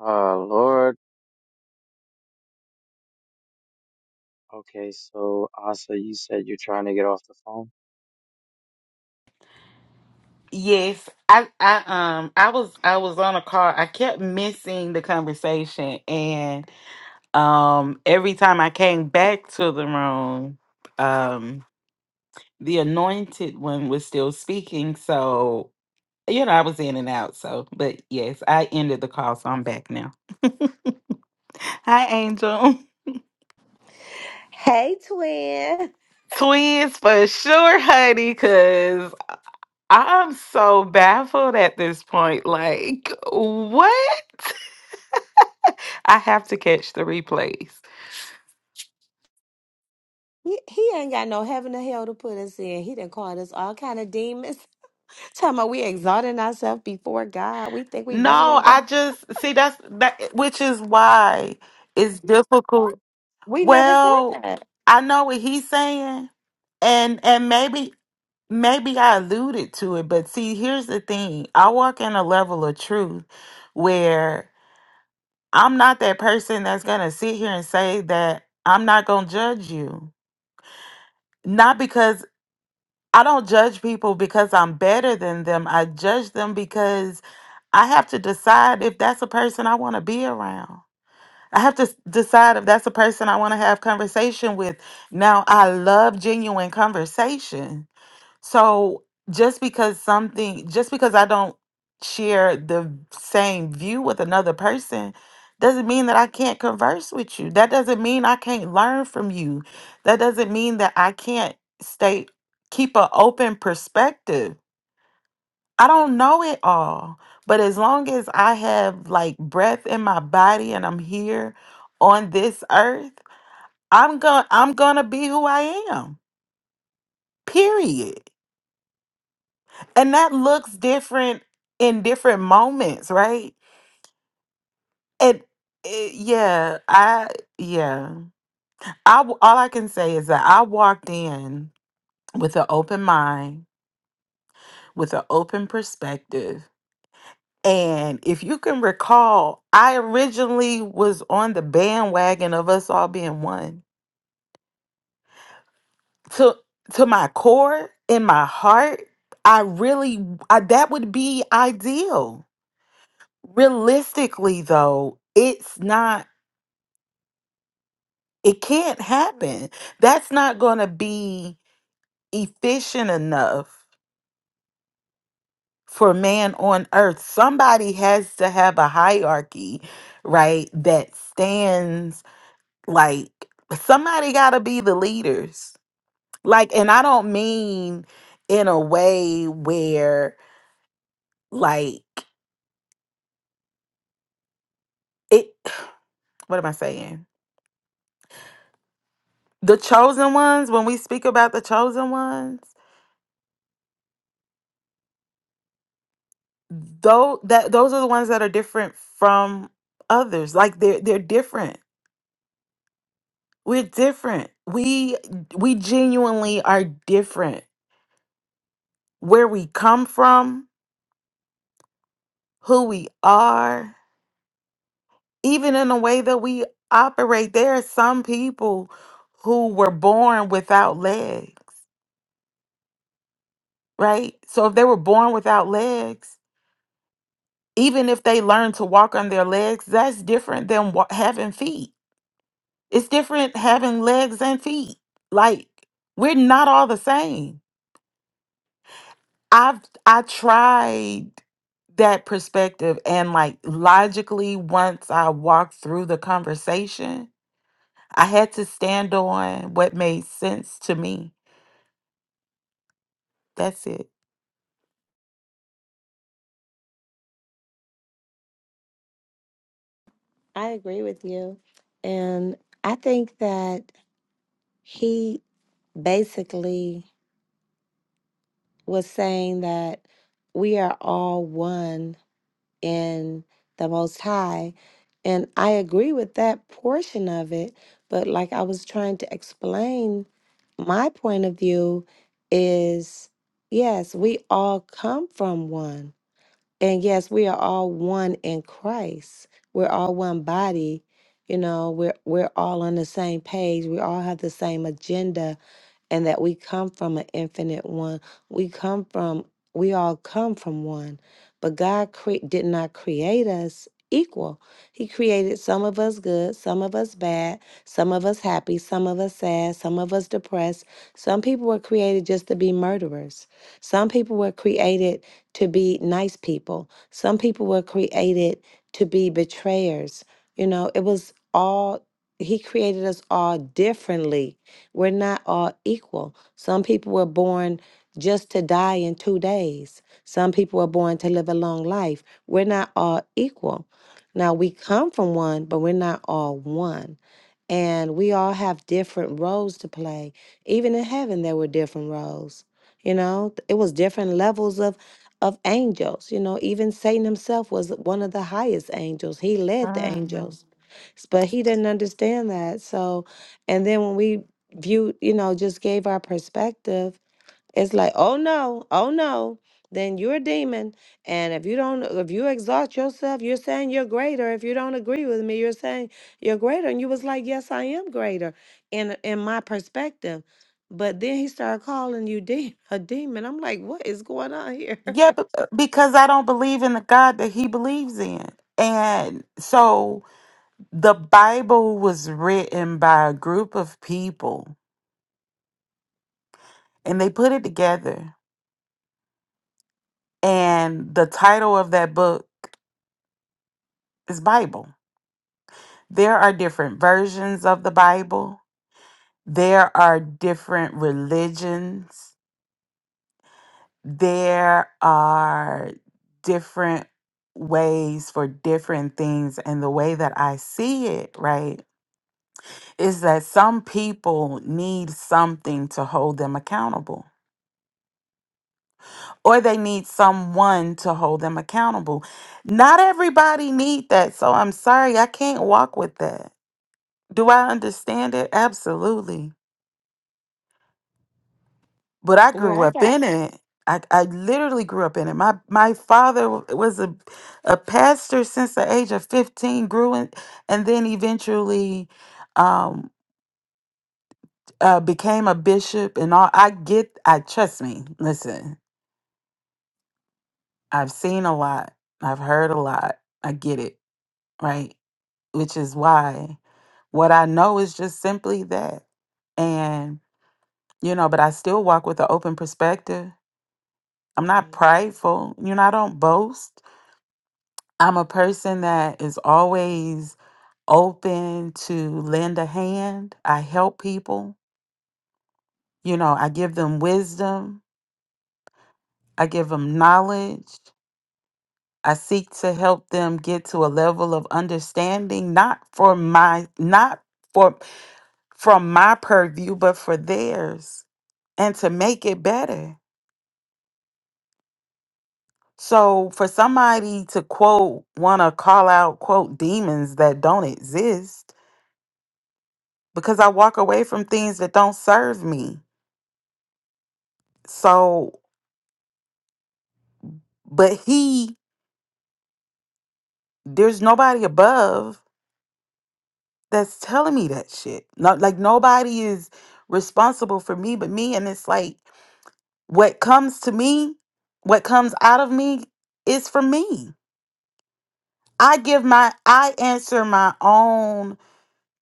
Uh, Lord. Okay, so Asa, you said you're trying to get off the phone. Yes, I, I um I was I was on a call. I kept missing the conversation and um every time I came back to the room, um the anointed one was still speaking, so you know, I was in and out, so but yes, I ended the call, so I'm back now. Hi Angel. Hey, twin. Twins for sure, honey, cuz I'm so baffled at this point. Like, what? I have to catch the replays. He, he ain't got no heaven or hell to put us in. He done called us all kind of demons. Talking about we exalting ourselves before God. We think we better No, than God. I just see that's that, which is why it's difficult. We never said Well, that. I know what he's saying, and and maybe maybe I alluded to it, but see, here's the thing: I walk in a level of truth where I'm not that person that's gonna sit here and say that I'm not gonna judge you. Not because I don't judge people because I'm better than them. I judge them because I have to decide if that's a person I want to be around. I have to s- decide if that's a person I want to have conversation with. Now, I love genuine conversation so just because something, just because I don't share the same view with another person, doesn't mean that I can't converse with you. That doesn't mean I can't learn from you. That doesn't mean that I can't stay, keep an open perspective. I don't know it all, but as long as I have like breath in my body and I'm here on this earth, I'm going to I'm going to be who I am. Period. and that looks different in different moments right and eh, yeah i yeah i w- all i can say is that i walked in with an open mind with an open perspective and if you can recall i originally was on the bandwagon of us all being one to to my core in my heart i really I, that would be ideal realistically though it's not It can't happen. That's not going to be efficient enough for man on earth. Somebody has to have a hierarchy, right? That stands like somebody got to be the leaders. Like, and I don't mean in a way where, like, it, what am I saying? The chosen ones, when we speak about the chosen ones, though that those are the ones that are different from others like they're they're different we're different we we genuinely are different where we come from who we are even in the way that we operate there are some people who were born without legs right so if they were born without legs even if they learn to walk on their legs that's different than wa- having feet It's different having legs and feet. Like we're not all the same. I've I tried that perspective and like logically once I walked through the conversation, I had to stand on what made sense to me. That's it. I agree with you. And I think that he basically was saying that we are all one in the Most High. And I agree with that portion of it. But like I was trying to explain, my point of view is yes, we all come from one. And yes, we are all one in Christ. We're all one body. You know, we're we're all on the same page. We all have the same agenda and that we come from an infinite one. We come from, we all come from one. But God cre- did not create us equal. He created some of us good, some of us bad, some of us happy, some of us sad, some of us depressed. Some people were created just to be murderers. Some people were created to be nice people. Some people were created to be betrayers. You know, it was all, He created us all differently we're not all equal. Some people were born just to die in two days, some people were born to live a long life. We're not all equal. Now, we come from one, but we're not all one. And we all have different roles to play. Even in heaven, there were different roles. You know, it was different levels of of angels. You know, even Satan himself was one of the highest angels. He led the Mhm. Mm. angels, S- but he didn't understand that. So, and then when we viewed, you know, just gave our perspective, it's like, oh no, oh no, then you're a demon. And if you don't, if you exalt yourself, you're saying you're greater. If you don't agree with me, you're saying you're greater. And you was like, yes, I am greater in in my perspective. But then he started calling you de- a demon. I'm like, what is going on here? Yeah, but, uh, because I don't believe in the God that he believes in. And so the Bible was written by a group of people and they put it together And the title of that book is Bible. There are different versions of the Bible, there are different religions, there are different ways for different things. And the way that I see it, right, is that some people need something to hold them accountable. Or they need someone to hold them accountable. Not everybody need that. So I'm sorry, I can't walk with that Do I understand it? Absolutely. But I Where grew I up got in it. I, I literally grew up in it. My my father w- was a a pastor since the age of 15, grew in, and then eventually um uh became a bishop and all I get I trust me. Listen, I've seen a lot. I've heard a lot. I get it, right? Which is why what I know is just simply that. And you know, but I still walk with an open perspective I'm not right. prideful. You know, I don't boast. I'm a person that is always open to lend a hand. I help people. You know, I give them wisdom, I give them knowledge. I seek to help them get to a level of understanding, not for my, not for from my purview, but for theirs, and to make it better. So, for somebody to quote, want to call out, quote, demons that don't exist, because I walk away from things that don't serve me. So, but he, there's nobody above that's telling me that shit. Not like nobody is responsible for me but me. And it's like what comes to me, what comes out of me is for me. I give my, I answer my own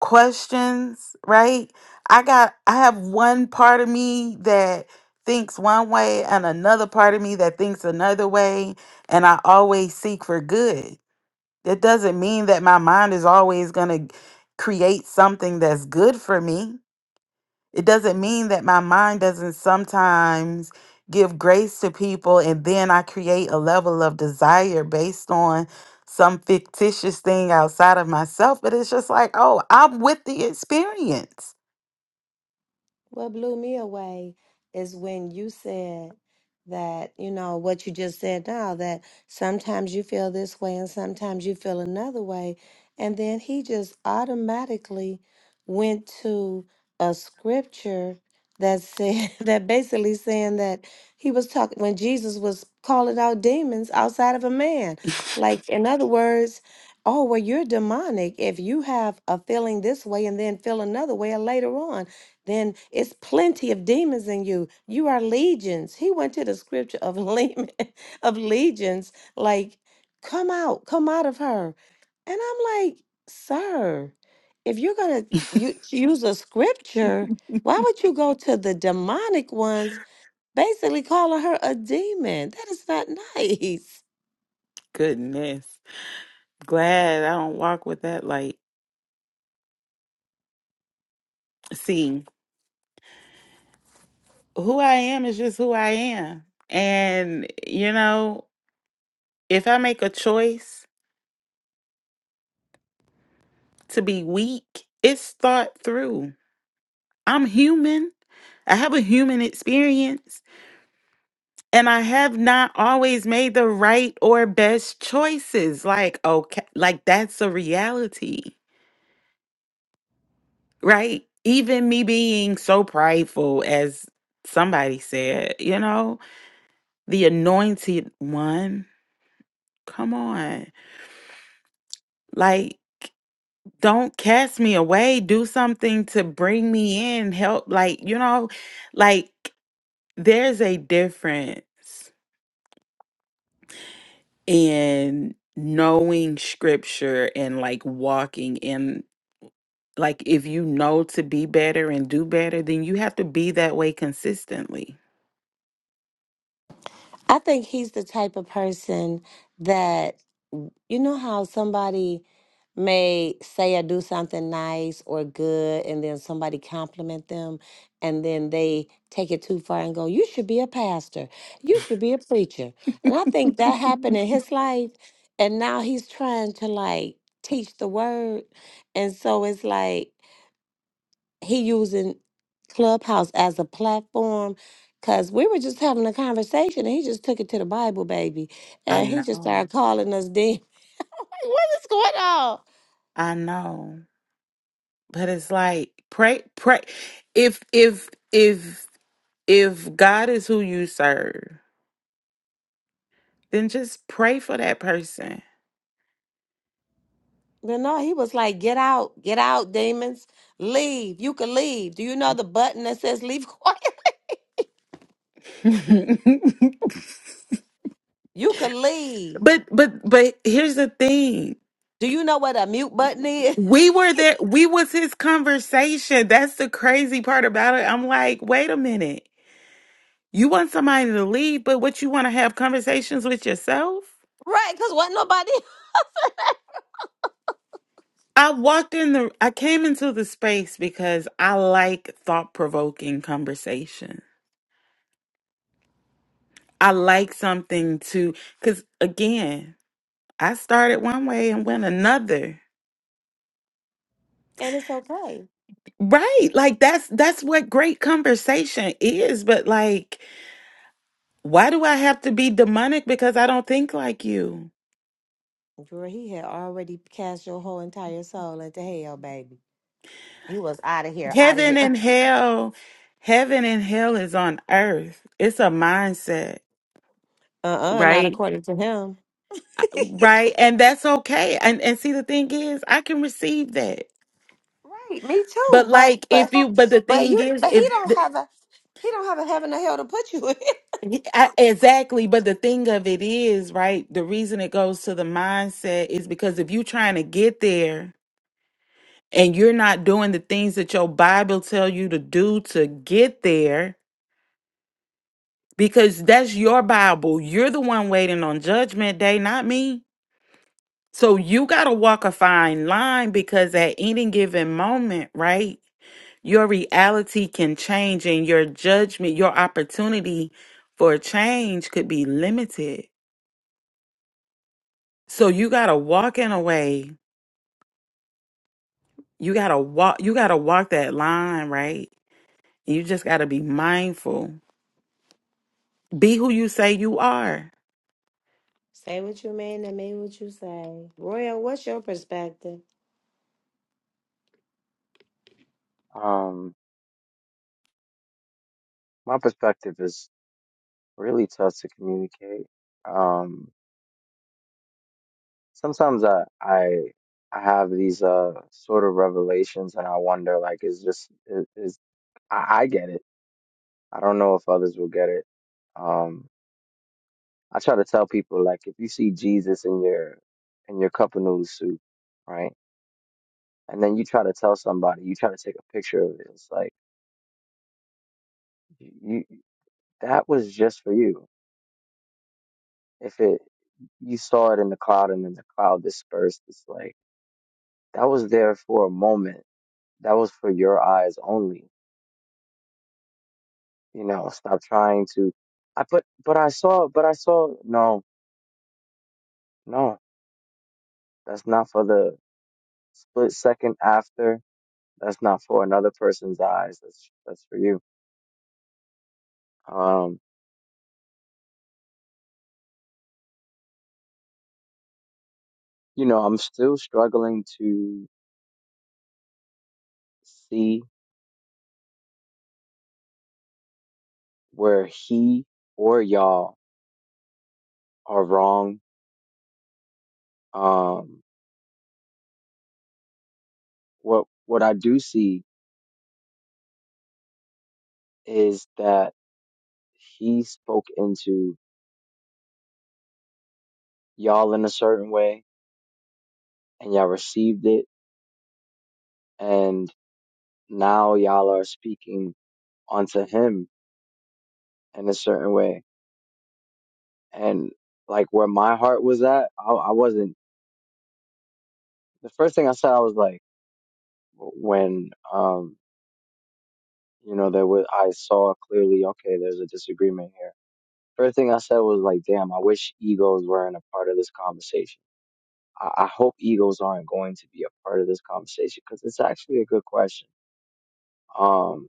questions, right? I got I have one part of me that thinks one way and another part of me that thinks another way, and I always seek for good. That doesn't mean that my mind is always going to create something that's good for me. It doesn't mean that my mind doesn't sometimes give grace to people and then I create a level of desire based on some fictitious thing outside of myself. But it's just like, oh, I'm with the experience. What blew me away is when you said that, you know, what you just said now, that sometimes you feel this way and sometimes you feel another way. And then he just automatically went to a scripture that said, that basically saying that he was talking, when Jesus was calling out demons outside of a man. Like, in other words, oh, well, you're demonic if you have a feeling this way and then feel another way later on then it's plenty of demons in you. You are legions. He went to the scripture of Leman, of legions, like, come out, come out of her. And I'm like, sir, if you're gonna you use a scripture, why would you go to the demonic ones, basically calling her a demon? That is not nice. Goodness. Glad I don't walk with that light. See, who I am is just who I am. And, you know, if I make a choice to be weak, it's thought through. I'm human. I have a human experience. and I have not always made the right or best choices. Like, okay, like that's a reality, right? Even me being so prideful, as somebody said, you know, the anointed one, come on. Like, don't cast me away. Do something to bring me in, help. Like, you know, like there's a difference in knowing scripture and like walking in Like if you know to be better and do better, then you have to be that way consistently. I think he's the type of person that You know how somebody may say or do something nice or good, and then somebody compliment them, and then they take it too far and go, You should be a pastor. You should be a preacher. And I think that happened in his life. And now he's trying to like teach the word. And so it's like he using Clubhouse as a platform. Cause we were just having a conversation and he just took it to the Bible, baby. I And he just know. started calling us What's going on? I know. But it's like pray pray if if if if God is who you serve, then just pray for that person. But no, he was like, get out, get out, demons. Leave. You can leave. Do you know the button that says leave quiet? You can leave. but but but here's the thing. Do you know what a mute button is? We were there. We was his conversation. That's the crazy part about it. I'm like, wait a minute. You want somebody to leave, but what you want to have conversations with yourself? right, because wasn't nobody. I walked in the, I came into the space because I like thought provoking conversation. I like something to, because again, I started one way and went another. And it's okay. Right. Like that's, that's what great conversation is. But like, Why do I have to be demonic because I don't think like you? Girl, he had already cast your whole entire soul into hell, baby. You was out of here, out of Heaven here. and hell, heaven and hell is on earth. It's a mindset, Uh-uh, not right? according to him. right? And that's okay. And and see the thing is, I can receive that. Right, me But too. But like but if you but the but thing you is but he if don't the, have a he don't have a heaven or hell to put you in. I, exactly, but the thing of it is, right? The reason it goes to the mindset is because if you're trying to get there and you're not doing the things that your Bible tell you to do to get there, because that's your Bible. You're the one waiting on judgment day, not me. So you got to walk a fine line because at any given moment, right, your reality can change and your judgment, your opportunity for change could be limited. So you got to walk in a way. You got to walk you got to walk that line, right? You just got to be mindful. Be who you say you are Say what you mean and mean what you say. Royal, what's your perspective? Um, my perspective is really tough to communicate. Um, sometimes I I I have these uh sort of revelations, and I wonder like, is just is, is I, I get it. I don't know if others will get it. Um, I try to tell people like, if you see Jesus in your in your cup of noodle soup, right? And then you try to tell somebody, you try to take a picture of it. It's like you that was just for you. If it you saw it in the cloud and then the cloud dispersed, it's like that was there for a moment. That was for your eyes only. You know, stop trying to I put but I saw but I saw no, no, that's not for the split second after. That's not for another person's eyes. That's that's for you. Um, you know, I'm still struggling to see where he or y'all are wrong. Um what what I do see is that he spoke into y'all in a certain way and y'all received it and now y'all are speaking onto him in a certain way and like where my heart was at I, I wasn't the first thing I said I was like when um you know there was I saw clearly okay there's a disagreement here first thing I said was like damn I wish egos weren't a part of this conversation I, I hope egos aren't going to be a part of this conversation because it's actually a good question. Um,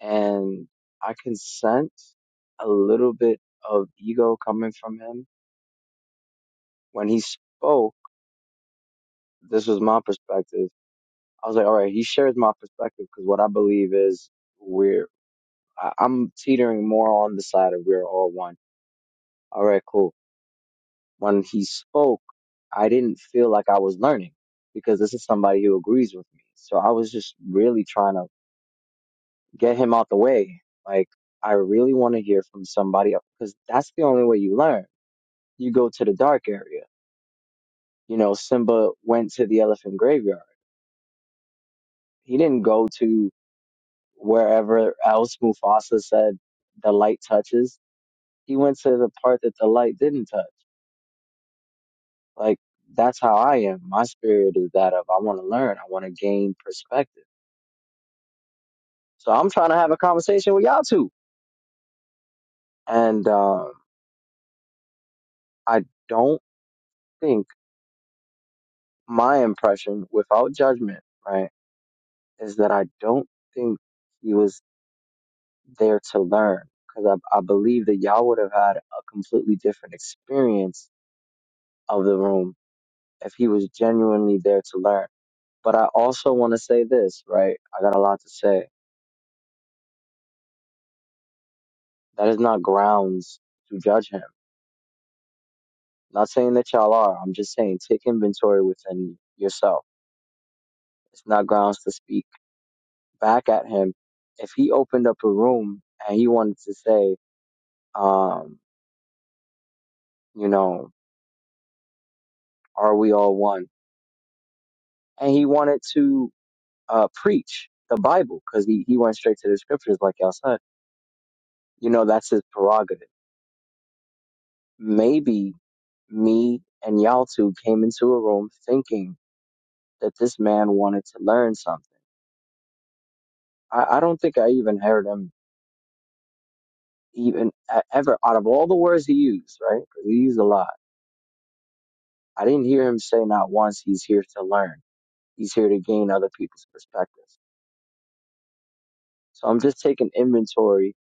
and I can sense a little bit of ego coming from him when he spoke. This was my perspective. I was like, all right, he shares my perspective because what I believe is we're, I, I'm teetering more on the side of we're all one. All right, cool. When he spoke, I didn't feel like I was learning because this is somebody who agrees with me. So I was just really trying to get him out the way. Like, I really want to hear from somebody else because that's the only way you learn. You go to the dark area. You know, Simba went to the elephant graveyard. He didn't go to wherever else Mufasa said the light touches. He went to the part that the light didn't touch. Like, that's how I am. My spirit is that of I want to learn, I want to gain perspective. So I'm trying to have a conversation with y'all too. And um, I don't think. my impression without judgment, right, is that I don't think he was there to learn because I, I believe that y'all would have had a completely different experience of the room if he was genuinely there to learn. But I also want to say this, right? I got a lot to say. That is not grounds to judge him. Not saying that y'all are. I'm just saying take inventory within yourself. It's not grounds to speak back at him. If he opened up a room and he wanted to say, um. you know, are we all one? And he wanted to uh, preach the Bible because he, he went straight to the scriptures, like y'all said. You know, that's his prerogative. Maybe me and y'all two came into a room thinking that this man wanted to learn something. I, I don't think I even heard him even e- ever out of all the words he used, right? 'Cause he used a lot. I didn't hear him say not once he's here to learn. He's here to gain other people's perspectives. So I'm just taking inventory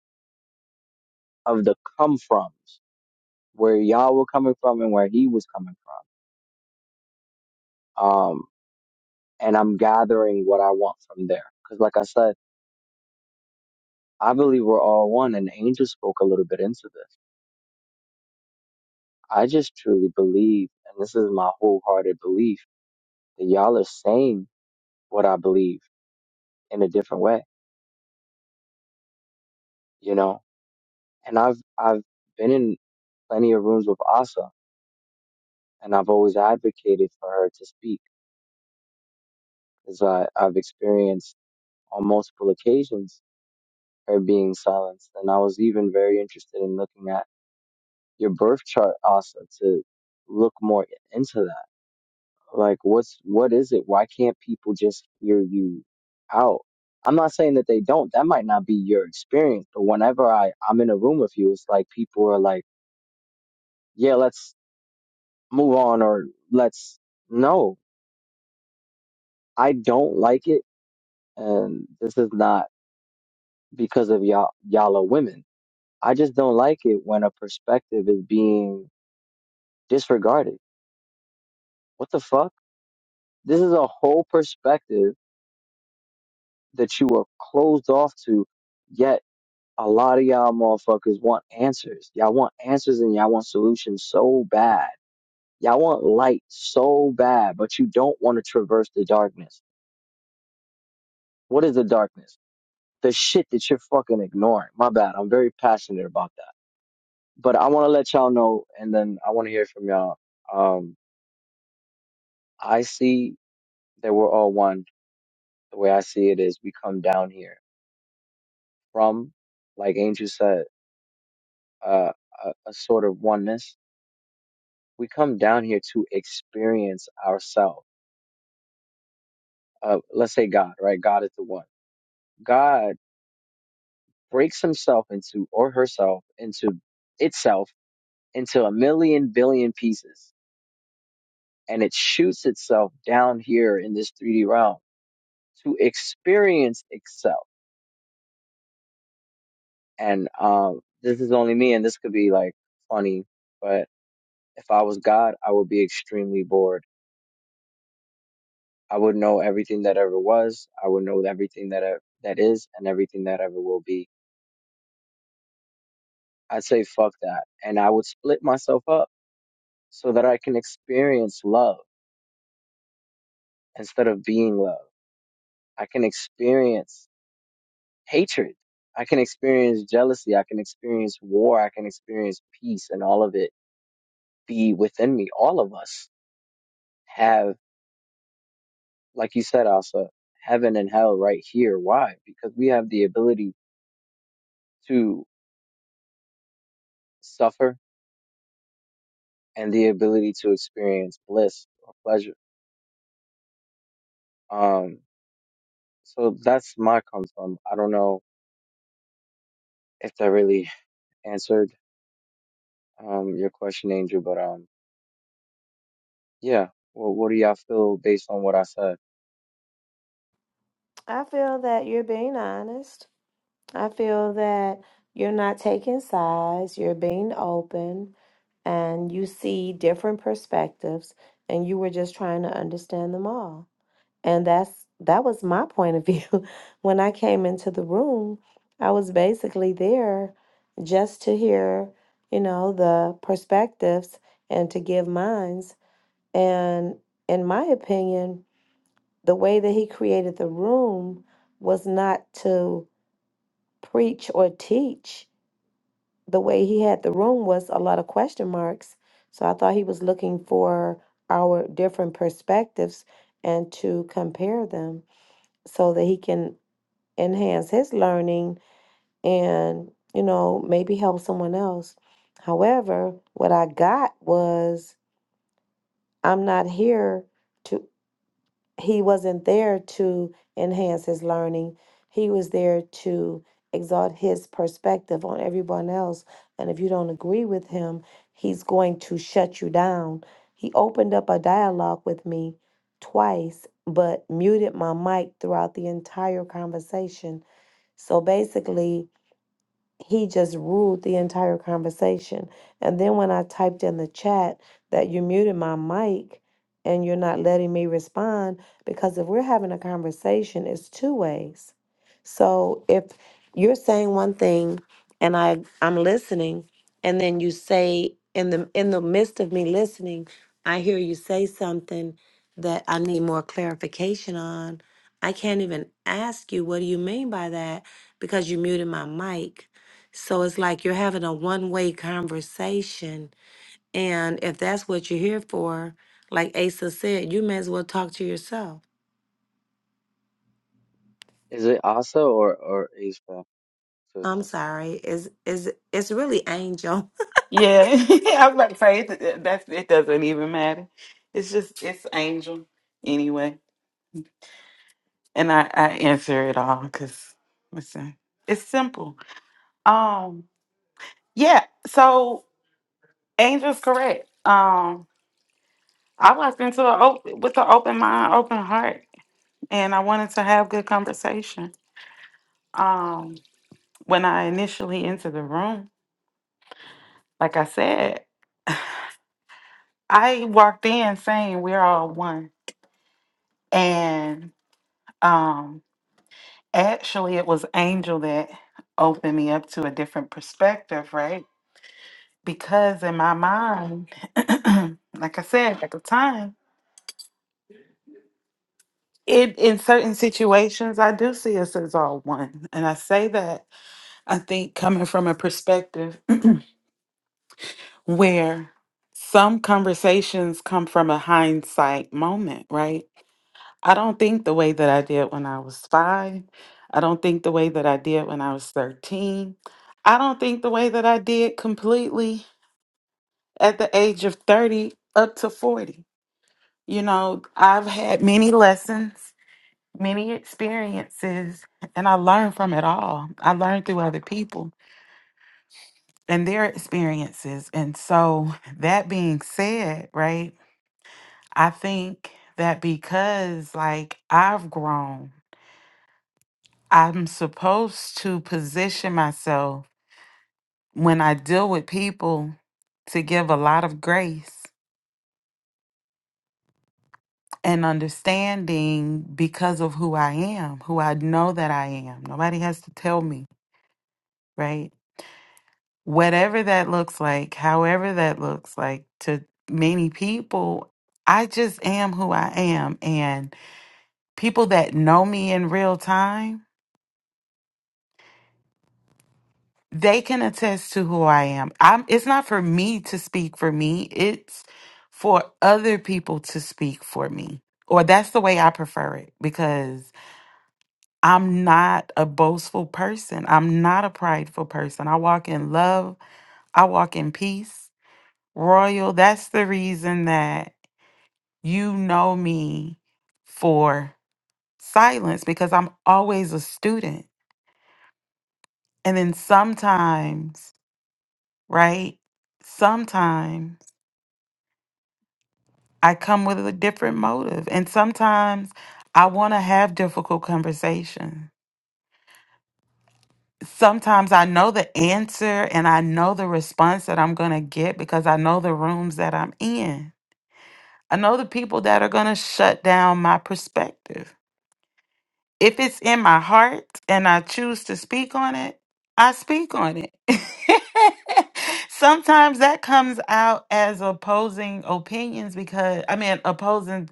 of the come froms. where y'all were coming from and where he was coming from. Um, and I'm gathering what I want from there. Because, like I said, I believe we're all one, and Angel spoke a little bit into this. I just truly believe, and this is my wholehearted belief, that y'all are saying what I believe in a different way, you know? And I've, I've been in plenty of rooms with Asa, and I've always advocated for her to speak because I've experienced on multiple occasions her being silenced. And I was even very interested in looking at your birth chart also to look more into that. Like what's what is it? Why can't people just hear you out? I'm not saying that they don't. That might not be your experience, but whenever I, I'm in a room with you, it's like people are like, Yeah, let's move on or let's no. I don't like it and this is not because of y'all y'all are women. I just don't like it when a perspective is being disregarded what the fuck? This is a whole perspective that you are closed off to, yet a lot of y'all motherfuckers want answers. Y'all want answers and y'all want solutions so bad. Y'all want light so bad, but you don't want to traverse the darkness. What is the darkness? The shit that you're fucking ignoring. My bad. I'm very passionate about that. But I want to let y'all know, and then I want to hear from y'all. Um, I see that we're all one. The way I see it is we come down here from, like Angel said, uh, a, a sort of oneness. We come down here to experience ourselves. Uh, let's say God, right? God is the one. God breaks himself into or herself into itself into a million billion pieces and it shoots itself down here in this 3D realm to experience itself. And um, this is only me, and this could be like funny, but if I was God, I would be extremely bored I would know everything that ever was. I would know everything that e- that is and everything that ever will be. I'd say fuck that, and I would split myself up so that I can experience love instead of being love. I can experience hatred. I can experience jealousy. I can experience war. I can experience peace, and all of it be within me. All of us have, like you said, Asa, heaven and hell right here. Why? Because we have the ability to suffer and the ability to experience bliss or pleasure. Um, so that's my come from. I don't know if that really answered um your question, Angel, but um, yeah. Well, what do y'all feel based on what I said? I feel that you're being honest. I feel that you're not taking sides, you're being open, and you see different perspectives, and you were just trying to understand them all. And that's that was my point of view. When I came into the room, I was basically there just to hear, you know, the perspectives and to give mine. And in my opinion, the way that he created the room was not to preach or teach. The way he had the room was a lot of question marks. So I thought he was looking for our different perspectives and to compare them so that he can enhance his learning and, you know, maybe help someone else. However, what I got was I'm not here. to. he wasn't there to enhance his learning. He was there to exalt his perspective on everyone else. And if you don't agree with him, he's going to shut you down. He opened up a dialogue with me twice, but muted my mic throughout the entire conversation. So basically, he just ruled the entire conversation. And then when I typed in the chat that you muted my mic and you're not letting me respond, because if we're having a conversation, it's two ways. So if you're saying one thing and I I'm listening, and then you say in the in the midst of me listening, I hear you say something that I need more clarification on. I can't even ask you what do you mean by that because you muted my mic so it's like you're having a one way conversation. And if that's what you're here for, like Asa said, you may as well talk to yourself. Is it Asa or or Asa I'm sister? sorry. It's, it's, it's really angel. Yeah, I was about to say it, That that's it doesn't even matter. It's just it's Angel anyway, and I I answer it all because listen, it's simple. Um, yeah. So Angel's correct. Um, I walked into the open with an open mind, open heart, and I wanted to have good conversation. Um, when I initially entered the room, like I said, I walked in saying we're all one, and um, Actually, it was Angel that opened me up to a different perspective, right? Because in my mind, like I said at the time, it in certain situations I do see us as all one. And I say that I think coming from a perspective where some conversations come from a hindsight moment, right? I don't think the way that I did when I was five. I don't think the way that I did when I was 13. I don't think the way that I did completely at the age of 30 up to 40. You know, I've had many lessons, many experiences, and I learned from it all. I learned through other people and their experiences. And so, that being said, right, I think that because like I've grown I'm supposed to position myself when I deal with people to give a lot of grace and understanding because of who I am, who I know that I am. Nobody has to tell me, right? Whatever that looks like, however that looks like to many people, I just am who I am. And people that know me in real time they can attest to who I am. I'm it's not for me to speak for me. It's for other people to speak for me. Or that's the way I prefer it because I'm not a boastful person. I'm not a prideful person. I walk in love. I walk in peace. Royal, that's the reason that you know me for silence because I'm always a student. And then sometimes, right? Sometimes I come with a different motive. And sometimes I want to have difficult conversation. Sometimes I know the answer and I know the response that I'm going to get because I know the rooms that I'm in. I know the people that are going to shut down my perspective. If it's in my heart and I choose to speak on it, I speak on it. Sometimes that comes out as opposing opinions because, I mean, opposing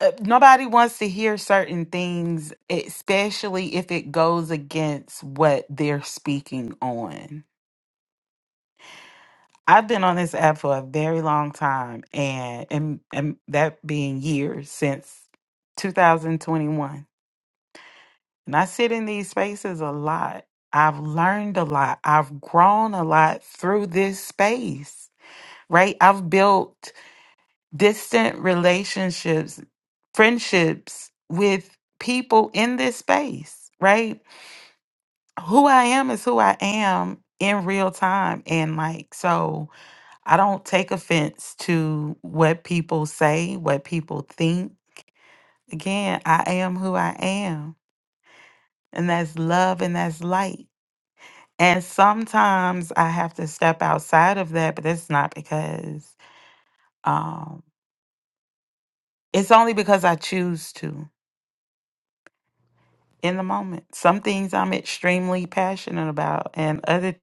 uh, nobody wants to hear certain things, especially if it goes against what they're speaking on. I've been on this app for a very long time, and and, and that being years since 2021. And I sit in these spaces a lot. I've learned a lot. I've grown a lot through this space, right? I've built distant relationships, friendships with people in this space, right? Who I am is who I am in real time. And like, so I don't take offense to what people say, what people think. Again, I am who I am. And that's love and that's light. And sometimes I have to step outside of that, but that's not because um it's only because I choose to in the moment. Some things I'm extremely passionate about, and other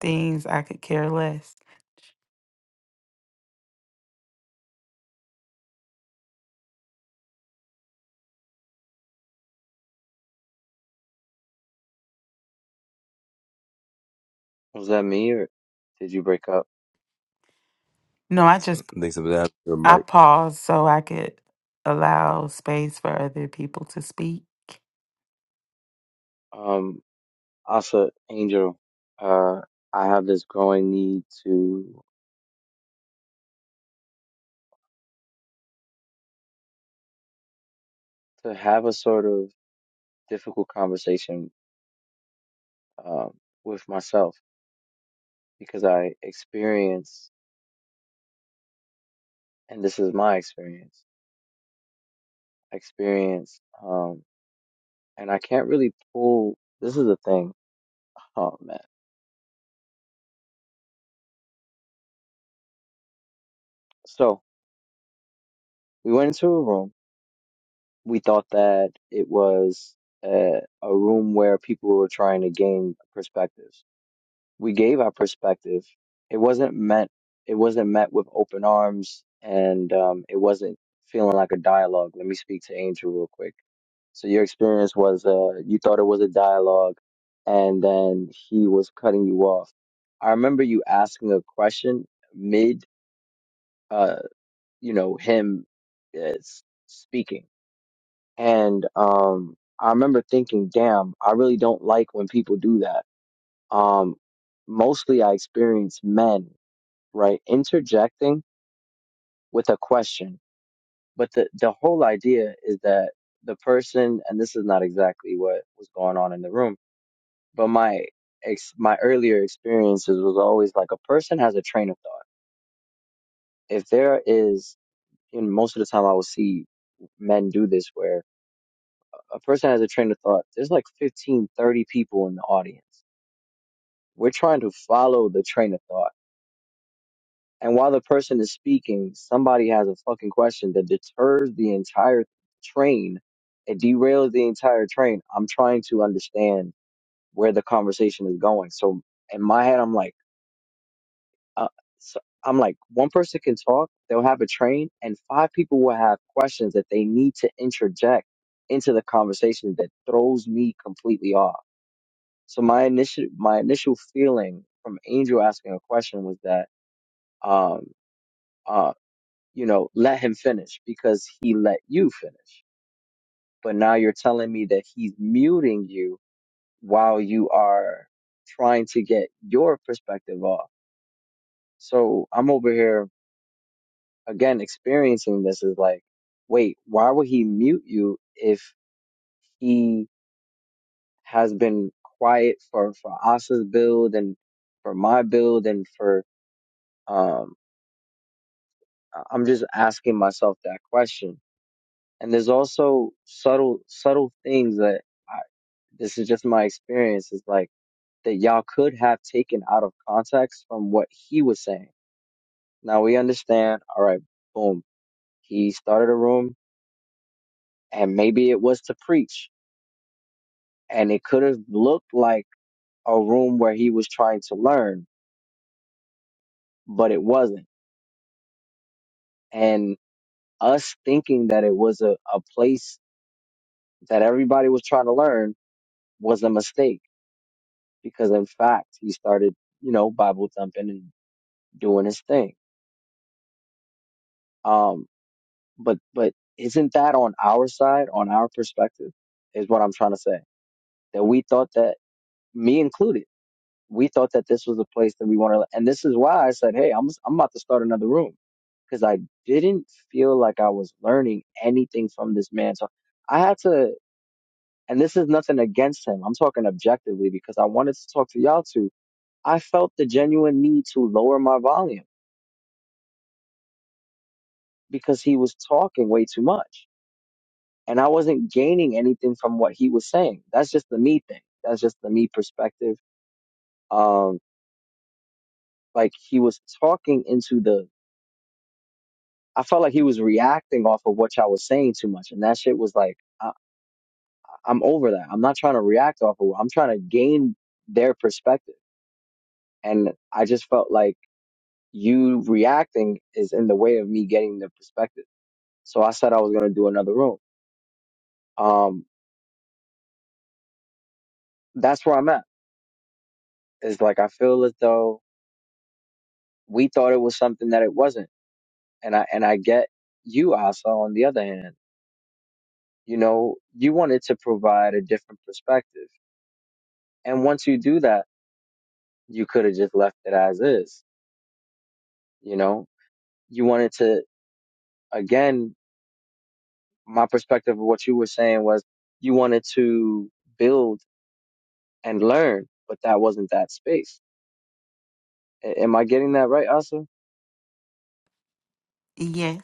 things I could care less. Was that me or did you break up? No, I just Thanks for that, I Mike. pause so I could allow space for other people to speak. Um, Asa, Angel, uh, I have this growing need to to have a sort of difficult conversation um with myself because I experience and this is my experience experience um and i can't really pull this is the thing oh man so we went into a room we thought that it was a, a room where people were trying to gain perspectives we gave our perspective. It wasn't meant. It wasn't met with open arms, and um, it wasn't feeling like a dialogue. Let me speak to Angel real quick. So your experience was uh, you thought it was a dialogue, and then he was cutting you off. I remember you asking a question mid, uh, you know, him uh, s- speaking, and um, I remember thinking, "Damn, I really don't like when people do that." Um, mostly, I experience men right? Interjecting with a question. But the, the whole idea is that the person, and this is not exactly what was going on in the room, but my ex, my earlier experiences was always like a person has a train of thought. If there is, and most of the time I will see men do this where a person has a train of thought, there's like 15, 30 people in the audience. We're trying to follow the train of thought And while the person is speaking, somebody has a fucking question that deters the entire train. It derails the entire train. I'm trying to understand where the conversation is going. So in my head, I'm like, uh, so I'm like, one person can talk, they'll have a train, and five people will have questions that they need to interject into the conversation that throws me completely off. So my initial my initial feeling from Angel asking a question was that um, uh, you know, let him finish because he let you finish. But now you're telling me that he's muting you while you are trying to get your perspective off. So I'm over here again experiencing this is like, wait, why would he mute you if he has been quiet for, for Asa's build and for my build and for, um, I- I'm just asking myself that question. And there's also subtle, subtle things that this is just my experience is like that y'all could have taken out of context from what he was saying. Now we understand, all right, boom. He started a room and maybe it was to preach and it could have looked like a room where he was trying to learn, but it wasn't. And us thinking that it was a, a place that everybody was trying to learn was a mistake because in fact he started, you know, Bible thumping and doing his thing. Um, But but isn't that on our side, on our perspective, is what I'm trying to say. That we thought that me included, we thought that this was a place that we wanted, and this is why I said, hey, I'm I'm about to start another room because I didn't feel like I was learning anything from this man. So I had to, and this is nothing against him. I'm talking objectively because I wanted to talk to y'all too. I felt the genuine need to lower my volume because he was talking way too much and I wasn't gaining anything from what he was saying. That's just the me thing. That's just the me perspective. Um, like he was talking into the. I felt like he was reacting off of what y'all was saying too much, and that shit was like, I, I'm over that. I'm not trying to react off of. it. I'm trying to gain their perspective, and I just felt like you reacting is in the way of me getting the perspective. So I said I was gonna do another room. Um, that's where I'm at. Is like I feel as though we thought it was something that it wasn't and I and I get you Asa on the other hand. You know, you wanted to provide a different perspective. And once you do that, you could have just left it as is. You know, you wanted to again, my perspective of what you were saying was you wanted to build and learn, but that wasn't that space. A- am I getting that right, Asa? Yes.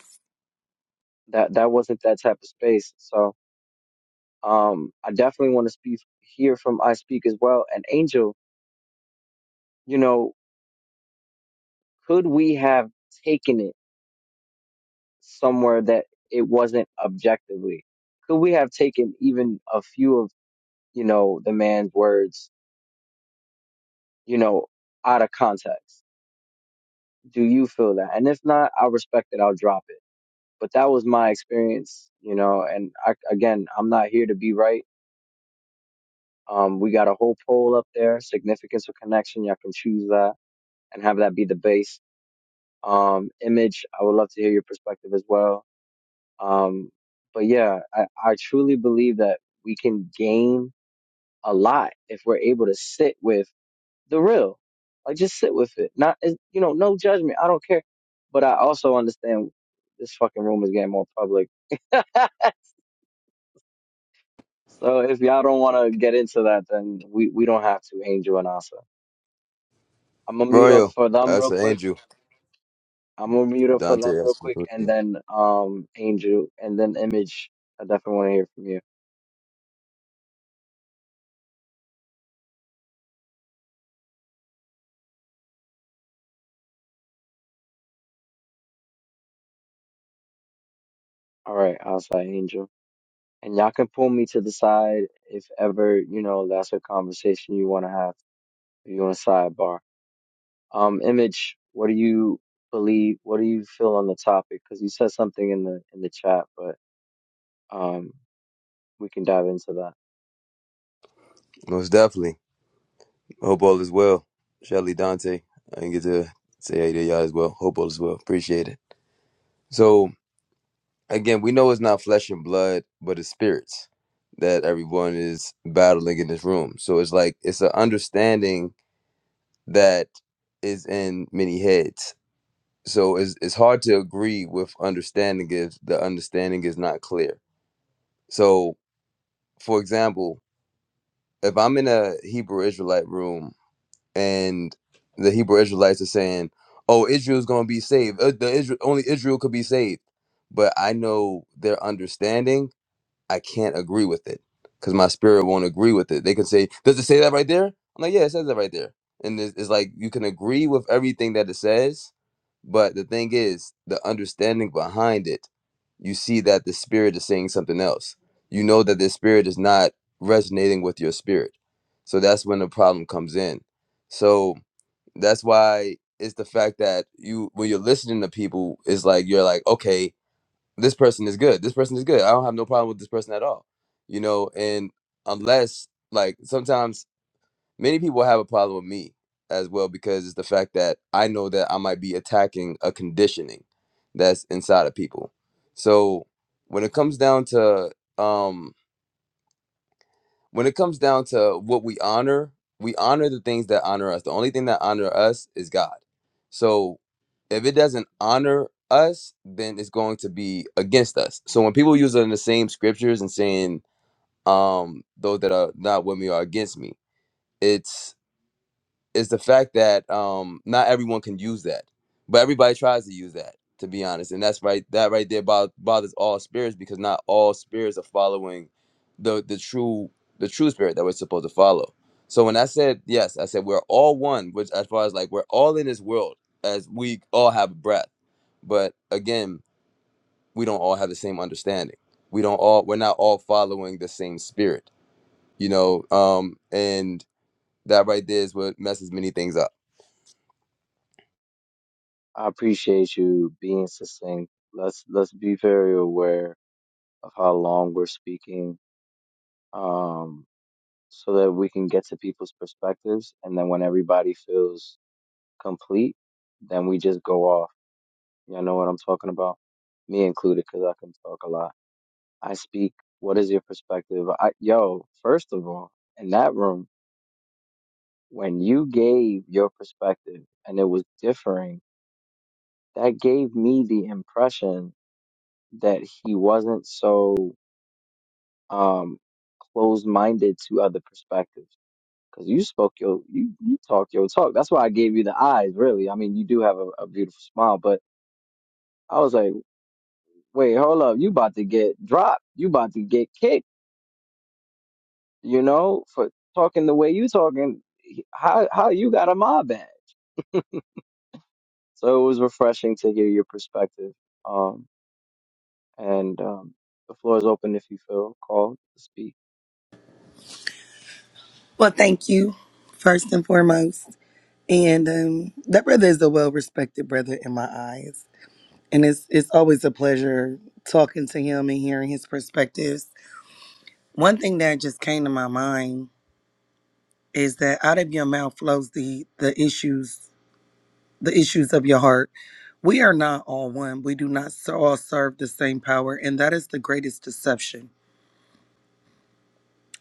That that wasn't that type of space. So um I definitely want to speak hear from I speak as well. And Angel, you know, could we have taken it? somewhere that it wasn't objectively? Could we have taken even a few of, you know, the man's words, you know, out of context? Do you feel that? And if not, I respect it. I'll drop it. But that was my experience, you know, and I, again, I'm not here to be right. Um, we got a whole poll up there, significance or connection. Y'all can choose that and have that be the base. Um, image, I would love to hear your perspective as well. Um, but yeah, I, I truly believe that we can gain a lot if we're able to sit with the real. Like just sit with it. Not it- you know, no judgment. I don't care. But I also understand this fucking room is getting more public. so if y'all don't want to get into that, then we we don't have to. Angel and Asa. I'm gonna mute up Royal, for them that's real an quick. angel. I'm gonna mute up for them Dante, real that's quick, and then um Angel, and then Image. I definitely want to hear from you. All right, Asa, Angel, and y'all can pull me to the side if ever you know that's a conversation you want to have. you on sidebar. Um, Image, what do you believe? What do you feel on the topic? Because you said something in the in the chat, but um, we can dive into that. most definitely. Hope all is well. Shelly, Dante, I didn't get to say hey to y'all as well. Hope all is well. Appreciate it. So again, we know it's not flesh and blood, but it's spirits that everyone is battling in this room. So it's like it's an understanding that is in many heads. So it's it's hard to agree with understanding if the understanding is not clear. So, for example. if I'm in a Hebrew Israelite room and the Hebrew Israelites are saying, "Oh, Israel's going to be saved. Uh, The Israel, only Israel could be saved," but I know their understanding I can't agree with it because my spirit won't agree with it. They can say, "Does it say that right there?" I'm like, "Yeah, it says that right there." And it's, it's like you can agree with everything that it says, but the thing is, the understanding behind it, you see that the spirit is saying something else. You know that the spirit is not resonating with your spirit, so that's when the problem comes in. So that's why it's the fact that you when you're listening to people, it's like you're like, okay this person is good. This person is good. I don't have no problem with this person at all. You know, and unless like sometimes many people have a problem with me as well because it's the fact that I know that I might be attacking a conditioning that's inside of people. So when it comes down to um when it comes down to what we honor, we honor the things that honor us. The only thing that honor us is God. So if it doesn't honor us, then it's going to be against us. So when people use it in the same scriptures and saying, um, those that are not with me are against me, it's is the fact that um not everyone can use that but everybody tries to use that to be honest and that's right that right there bo- bothers all spirits because not all spirits are following the the true the true spirit that we're supposed to follow so when i said yes i said we're all one which as far as like we're all in this world as we all have breath but again we don't all have the same understanding we don't all we're not all following the same spirit you know um and that right there is what messes many things up. I appreciate you being succinct. Let's let's be very aware of how long we're speaking, um, so that we can get to people's perspectives, and then when everybody feels complete, then we just go off. You know what I'm talking about? Me included, because I can talk a lot. I speak. What is your perspective? I, yo, first of all, in that room, when you gave your perspective and it was differing, that gave me the impression that he wasn't so um closed minded to other perspectives. Because you spoke your, you you talk your talk. That's why I gave you the eyes. Really, I mean, you do have a, a beautiful smile, but I was like, wait, hold up, you about to get dropped? You about to get kicked? you know, for talking the way you talking. he- How how you got a mob bag? So it was refreshing to hear your perspective. Um, and um, the floor is open if you feel called to speak. Well, thank you, first and foremost. And um, that brother is a well respected brother in my eyes. And it's, it's always a pleasure talking to him and hearing his perspectives. One thing that just came to my mind is that out of your mouth flows the, the issues the issues of your heart. We are not all one. We do not s- all serve the same power, and that is the greatest deception.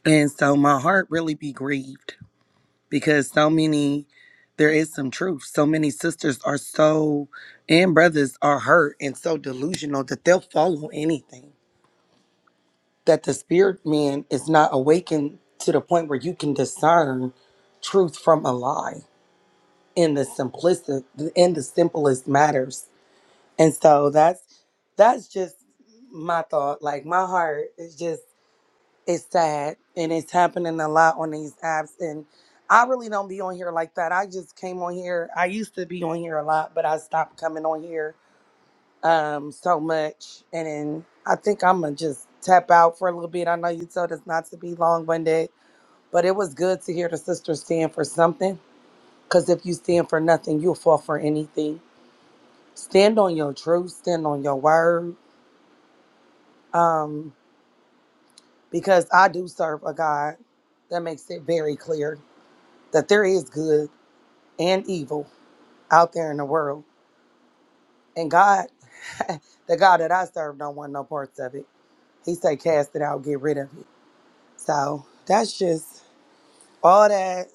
And so my heart really be grieved because so many there is some truth so many sisters are so and brothers are hurt and so delusional that they'll follow anything that the spirit man is not awakened to the point where you can discern truth from a lie in the simplicity in the simplest matters and so that's that's just my thought like my heart is just it's sad and it's happening a lot on these apps and i really don't be on here like that i just came on here i used to be on here a lot but i stopped coming on here um so much and then i think i'm gonna just tap out for a little bit i know you told us not to be long-winded but it was good to hear the sisters stand for something because if you stand for nothing you'll fall for anything stand on your truth stand on your word um because i do serve a god that makes it very clear that there is good and evil out there in the world. And God, the God that I serve, don't want no parts of it. He say, cast it out, get rid of it. So that's just all that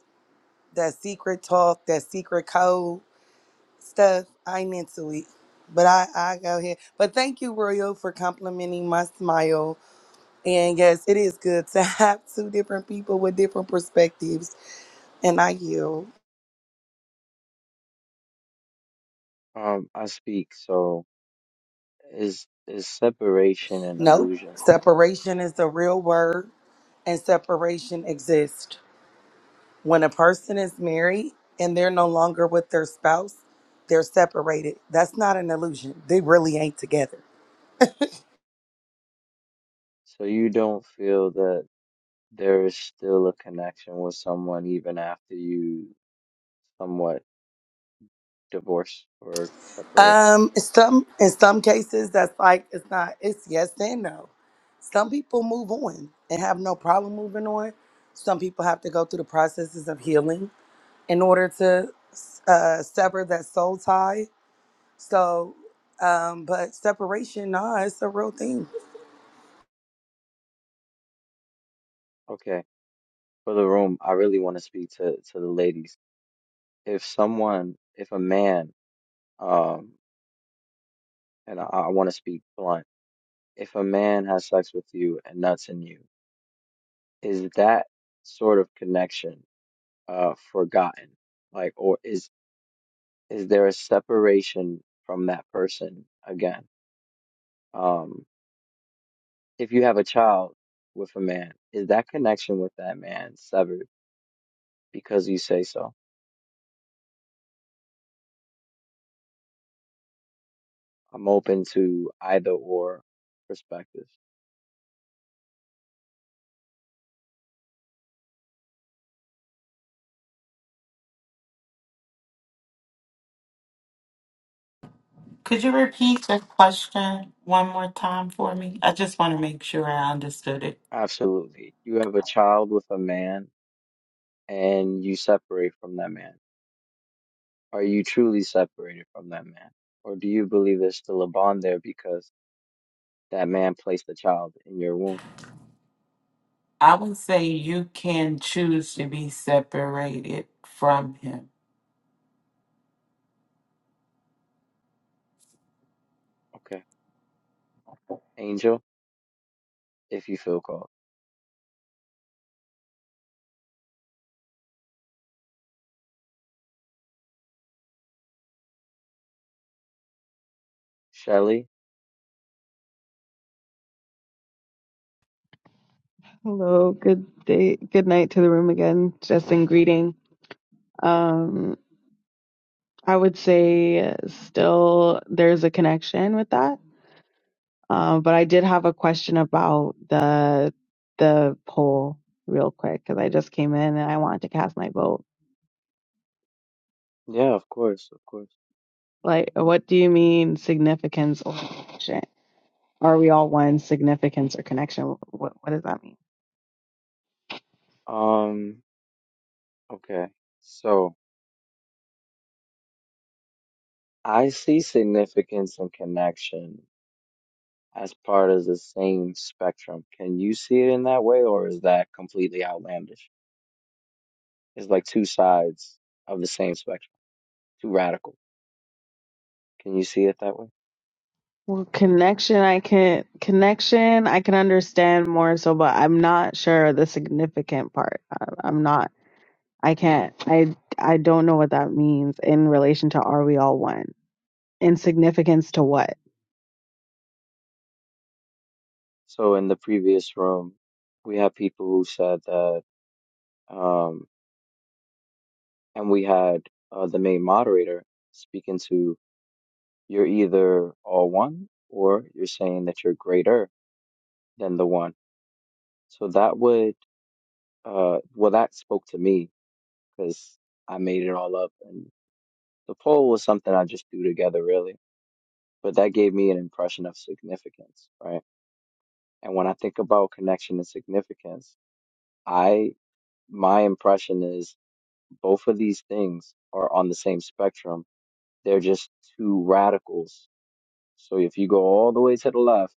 that secret talk, that secret code stuff. I'm into it. But I, I go ahead. But thank you, Royal, for complimenting my smile. And yes, it is good to have two different people with different perspectives. And I yield. Um, I speak. So is is separation an Nope. illusion? Separation is the real word and separation exist. When a person is married and they're no longer with their spouse, they're separated. That's not an illusion. They really ain't together. So you don't feel that there is still a connection with someone even after you somewhat divorce or separate? Um, some in some cases that's like it's not it's yes and no. Some people move on and have no problem moving on. Some people have to go through the processes of healing in order to uh, sever that soul tie. So, um, but separation, nah, it's a real thing. Okay. For the room, I really want to speak to to the ladies if someone, if a man, um, and I, I want to speak blunt, if a man has sex with you and nuts in you, is that sort of connection uh forgotten? Like, or is is there a separation from that person again? Um, if you have a child with a man, is that connection with that man severed because you say so? I'm open to either or perspectives. Could you repeat the question one more time for me? I just want to make sure I understood it. Absolutely. You have a child with a man and you separate from that man? Are you truly separated from that man? Or do you believe there's still a bond there because that man placed the child in your womb? I would say you can choose to be separated from him. Okay. Angel, if you feel called. Shelly? Hello, good day, good night to the room again. Just in greeting. Um, I would say still there's a connection with that. Um, but I did have a question about the the poll real quick because I just came in and I wanted to cast my vote. Yeah, of course, of course. Like, what do you mean significance or connection? Are we all one significance or connection? What what does that mean? Um, okay. So I see significance and connection as part of the same spectrum. Can you see it in that way or is that completely outlandish? It's like two sides of the same spectrum, too radical. Can you see it that way? Well, connection, I can connection, I can understand more so, but I'm not sure the significant part. I, I'm not. I can't. I I don't know what that means in relation to are we all one? In significance to what? So in the previous room, we had people who said that, um, and we had uh, the main moderator speaking to you're either all one or you're saying that you're greater than the one. So that would, uh, well, that spoke to me because I made it all up, and the poll was something I just threw together really. But that gave me an impression of significance, right? And when I think about connection and significance, I my impression is Both of these things are on the same spectrum. They're just two radicals. So if you go all the way to the left,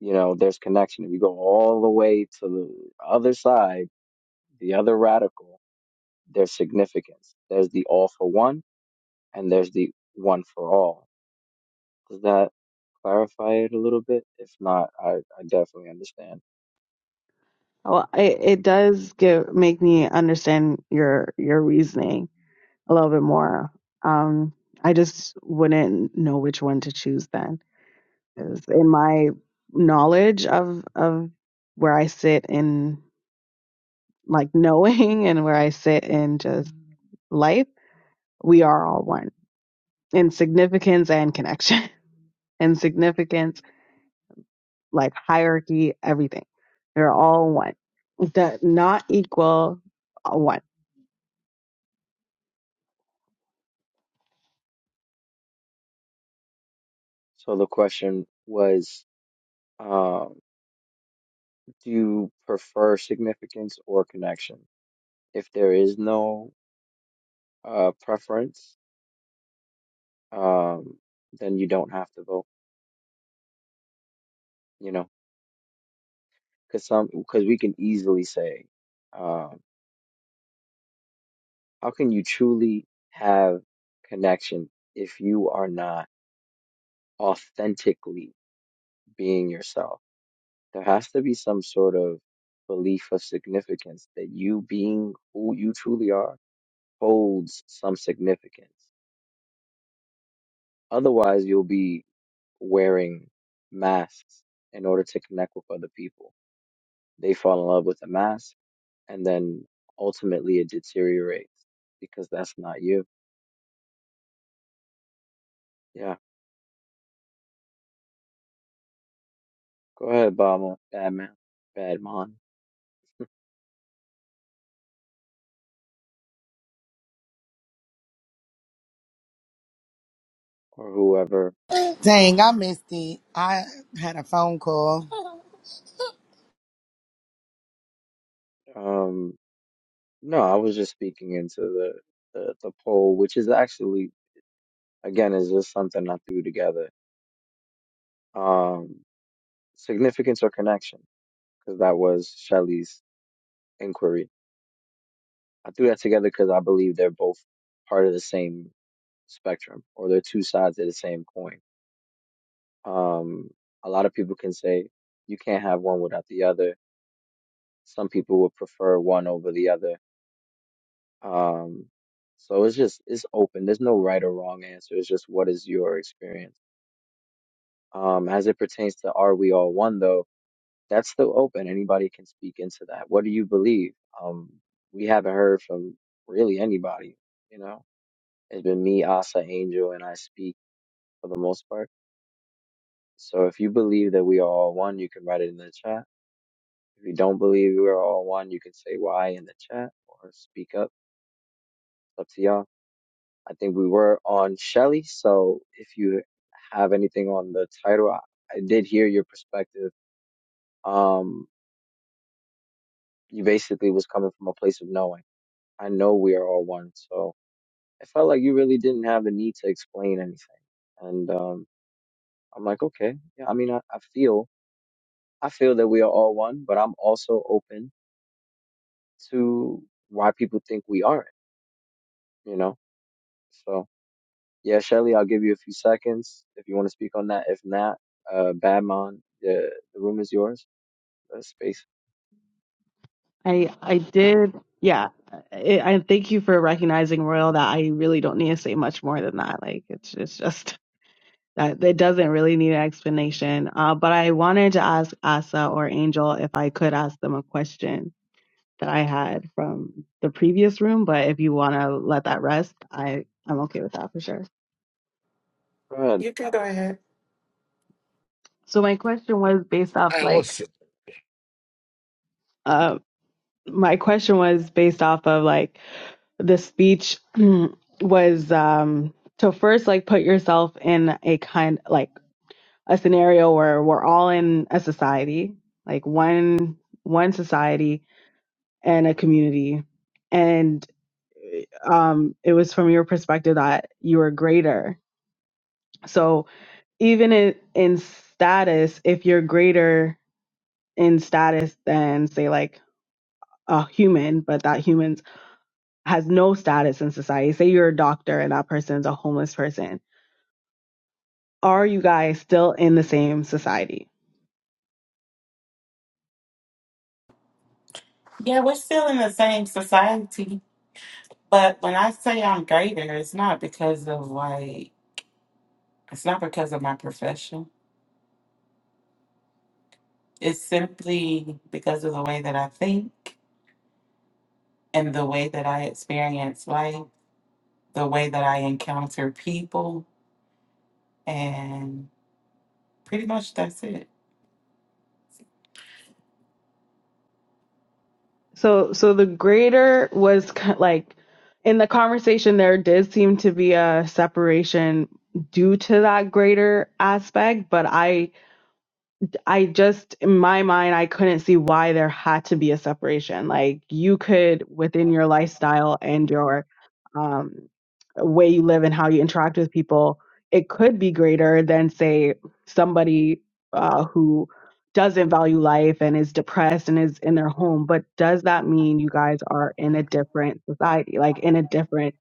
you know, there's connection. If you go all the way to the other side, the other radical, there's significance. There's the all for one and there's the one for all. Does that clarify it a little bit? If not, I, I definitely understand. Well, it, it does give make me understand your your reasoning. a little bit more. Um, I just wouldn't know which one to choose then. 'Cause in my knowledge of of where I sit in like knowing and where I sit in just life, we are all one in significance and connection. In significance, like hierarchy, everything. They're all one. The not equal uh, one. So the question was, um, do you prefer significance or connection? If there is no uh preference, um, then you don't have to vote, you know, because some because we can easily say, um, how can you truly have connection if you are not authentically being yourself? There has to be some sort of belief of significance that you being who you truly are holds some significance. Otherwise, you'll be wearing masks in order to connect with other people. They fall in love with the mask and then ultimately it deteriorates because that's not you. Yeah. Go ahead, Obama, Badman, Badman, or whoever. Dang, I missed it. I had a phone call. Um, no, I was just speaking into the, the, the poll, which is actually, again, is just something I threw together. Um, significance or connection, because that was Shelley's inquiry. I threw that together because I believe they're both part of the same spectrum or they're two sides of the same coin Um, a lot of people can say you can't have one without the other. Some people would prefer one over the other. Um, so it's just it's open. There's no right or wrong answer. It's just what is your experience. Um, as it pertains to are we all one though, that's still open. Anybody can speak into that. What do you believe? Um, we haven't heard from really anybody. You know, it's been me, Asa, Angel, and I speak for the most part. So if you believe that we are all one, you can write it in the chat If you don't believe we are all one, you can say why in the chat or speak up. It's up to y'all. I think we were on Shelly, so if you have anything on the title, I, I did hear your perspective. Um, you basically was coming from a place of knowing. I know we are all one, so I felt like you really didn't have the need to explain anything. And um, I'm like, okay, yeah. I mean, I, I feel I feel that we are all one, but I'm also open to why people think we aren't. You know, so. Yeah, Shelly, I'll give you a few seconds if you want to speak on that. If not, uh, Badmon, the the room is yours. Uh, space. I I did. Yeah. I, I thank you for recognizing Royal that I really don't need to say much more than that. Like it's it's just that it doesn't really need an explanation. Uh, but I wanted to ask Asa or Angel if I could ask them a question that I had from the previous room. But if you want to let that rest, I I'm okay with that for sure. Run, You can go ahead. So my question was based off Hey, like what's uh my question was based off of like the speech was um to first like put yourself in a kind like a scenario where we're all in a society like one one society and a community and um it was from your perspective that you were greater so even in, in status if you're greater in status than say like a human but that humans has no status in society say you're a doctor and that person's a homeless person are you guys still in the same society? Yeah, we're still in the same society, but when I say I'm greater, it's not because of like it's not because of my profession. It's simply because of the way that I think. and the way that I experience life, the way that I encounter people, and pretty much that's it. So, so the greater was like in the conversation, there did seem to be a separation due to that greater aspect, but I I just, in my mind, I couldn't see why there had to be a separation. Like, you could, within your lifestyle and your um, way you live and how you interact with people, it could be greater than, say, somebody uh, who doesn't value life and is depressed and is in their home. But does that mean you guys are in a different society, like in a different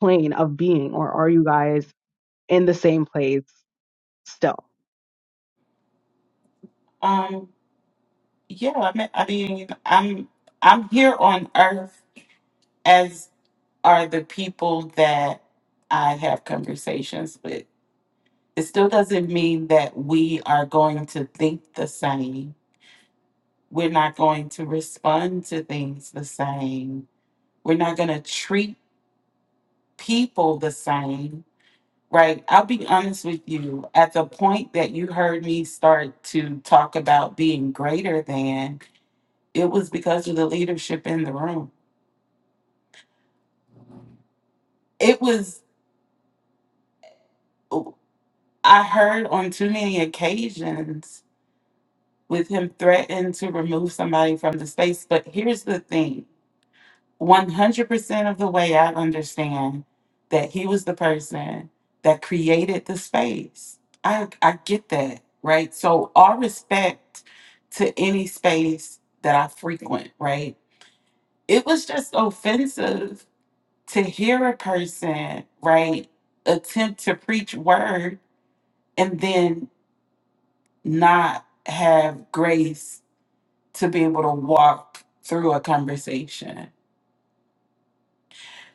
plane of being, or are you guys in the same place still? Um, yeah, I mean, I mean, I'm I'm here on Earth as are the people that I have conversations with. It still doesn't mean that we are going to think the same. We're not going to respond to things the same. We're not going to treat people the same, right? I'll be honest with you. At the point that you heard me start to talk about being greater than, it was because of the leadership in the room. It was, I heard on too many occasions with him threatening to remove somebody from the space. But here's the thing 100% of the way I understand that he was the person that created the space. I, I get that, right? So, all respect to any space that I frequent, right? It was just offensive to hear a person, right, attempt to preach word and then not have grace to be able to walk through a conversation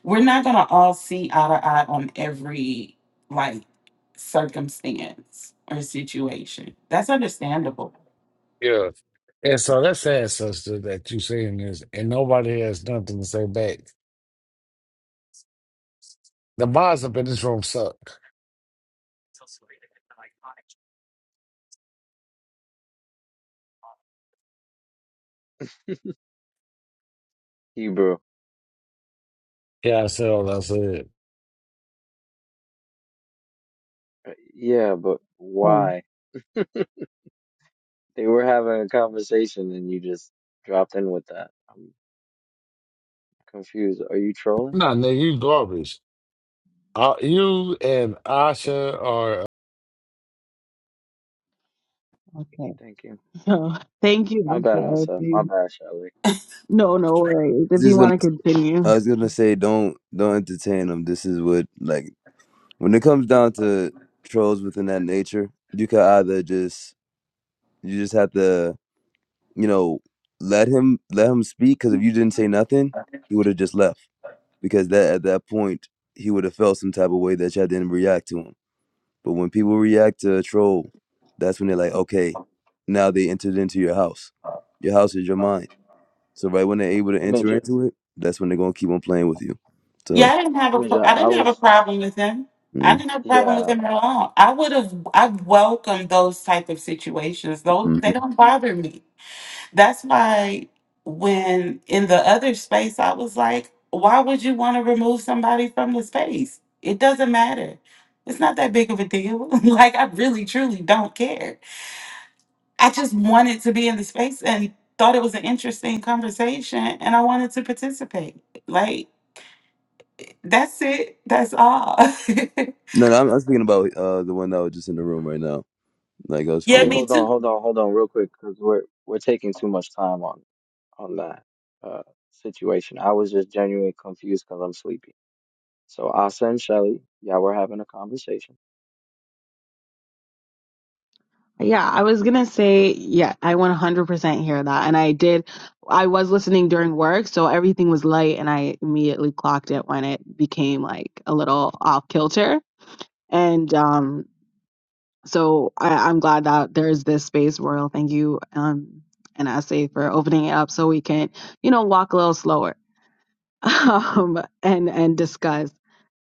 we're not gonna all see eye to eye on every like circumstance or situation. That's understandable. yeah? And so that's sad, sister, that you saying this, and nobody has nothing to say back. The mods up in this room suck. Hebrew. Yeah, I said all I said. Uh, Yeah, but Um, why? They were having a conversation and you just dropped in with that. I'm confused. Are you trolling? Nah, nigga, you garbage. Uh, you and Okay, Asha are thank you. So thank you. My I'm bad, sorry. if Elsa. My you- bad, Shelly. No, no worries. If you Just gonna, want to continue. I was gonna say, don't don't entertain them. This is what like when it comes down to trolls within that nature, you can either just you just have to you know let him let him speak because if you didn't say nothing, he would have just left. because that at that point he would have felt some type of way that y'all didn't react to him. But when people react to a troll, that's when they're like, okay, now they entered into your house. Your house is your mind. So right when they're able to Image, enter into it, that's when they're gonna keep on playing with you. Yeah, So I didn't have a image. pro- I I didn't have a was. problem with them. I mm didn't have a problem with Yeah. them at all. I would have I welcomed those type of situations. Though they mhm. don't bother me. That's why when in the other space, I was like, why would you want to remove somebody from the space? It doesn't matter. It's not that big of a deal. like, I really, truly don't care. I just wanted to be in the space and thought it was an interesting conversation and I wanted to participate. Like, that's it. That's all. no, no, I'm, I'm speaking about uh, the one that was just in the room right now. Like I was yeah, speaking Wait, about. me hold on, too. hold on, hold on, real quick, because we're we're taking too much time on. on that uh, situation. I was just genuinely confused because I'm sleepy. So Asa and Shelly, y'all were having a conversation. Yeah, I was gonna say, yeah, I 100% hear that. And I did, I was listening during work, so everything was light, and I immediately clocked it when it became like a little off kilter. And um, so I, I'm glad that there's this space, Royal. Thank you, um, and I say for opening it up so we can, you know, walk a little slower, um, and and discuss.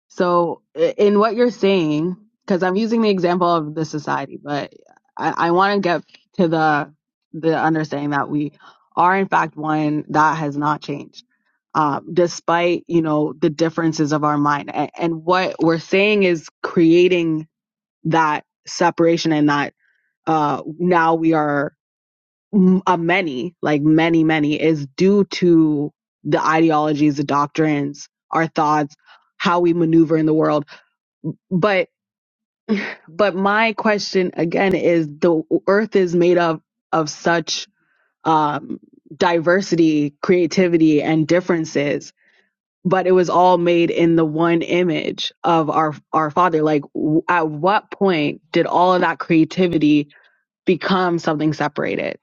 So, i- in what you're saying, because I'm using the example of the society, but I, I want to get to the the understanding that we are in fact one that has not changed, um, despite you know the differences of our mind. And, and what we're saying is creating that separation and that uh, now we are m- a many, like many, many, is due to the ideologies, the doctrines, our thoughts how we maneuver in the world but but my question again is the earth is made up of such um diversity creativity and differences but it was all made in the one image of our our father like w- at what point did all of that creativity become something separated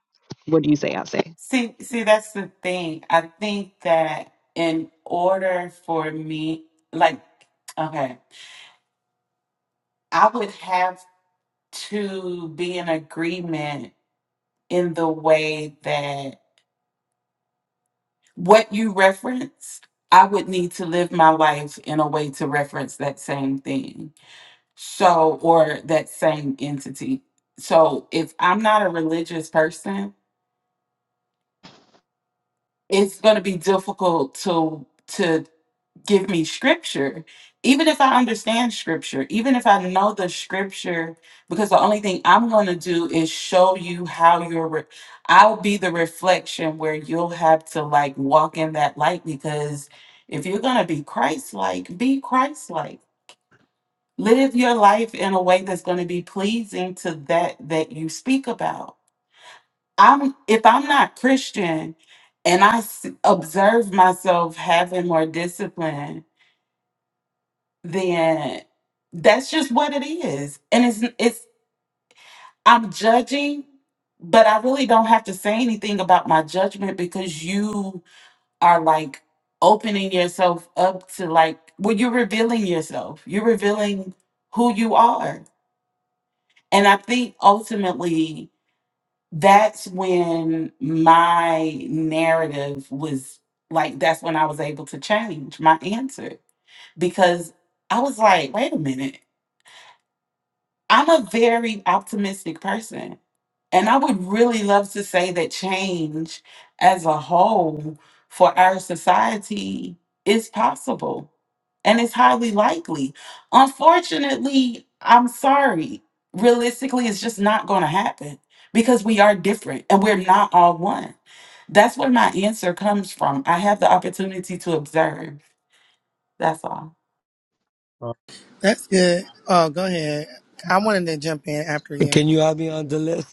what do you say Ase? See, see, that's the thing. I think that in order for me, like, okay. I would have to be in agreement in the way that what you referenced, I would need to live my life in a way to reference that same thing. So, or that same entity. So, if I'm not a religious person, it's going to be difficult to to give me scripture even if i understand scripture even if i know the scripture because the only thing i'm going to do is show you how you're re- i'll be the reflection where you'll have to like walk in that light because if you're going to be christ-like be christ-like live your life in a way that's going to be pleasing to that that you speak about i'm if i'm not christian and i s- observe myself having more discipline then that's just what it is. And it's it's I'm judging, but I really don't have to say anything about my judgment because you are like opening yourself up to like well, you're revealing yourself. You're revealing who you are. And I think ultimately that's when my narrative was like that's when I was able to change my answer because I was like, wait a minute I'm a very optimistic person. And I would really love to say that change as a whole for our society is possible and it's highly likely. Unfortunately, I'm sorry. Realistically, it's just not going to happen because we are different and we're not all one. That's where my answer comes from. I have the opportunity to observe. That's all. Uh, That's good. Oh, go ahead. I wanted to jump in after Can you. you have me on the list?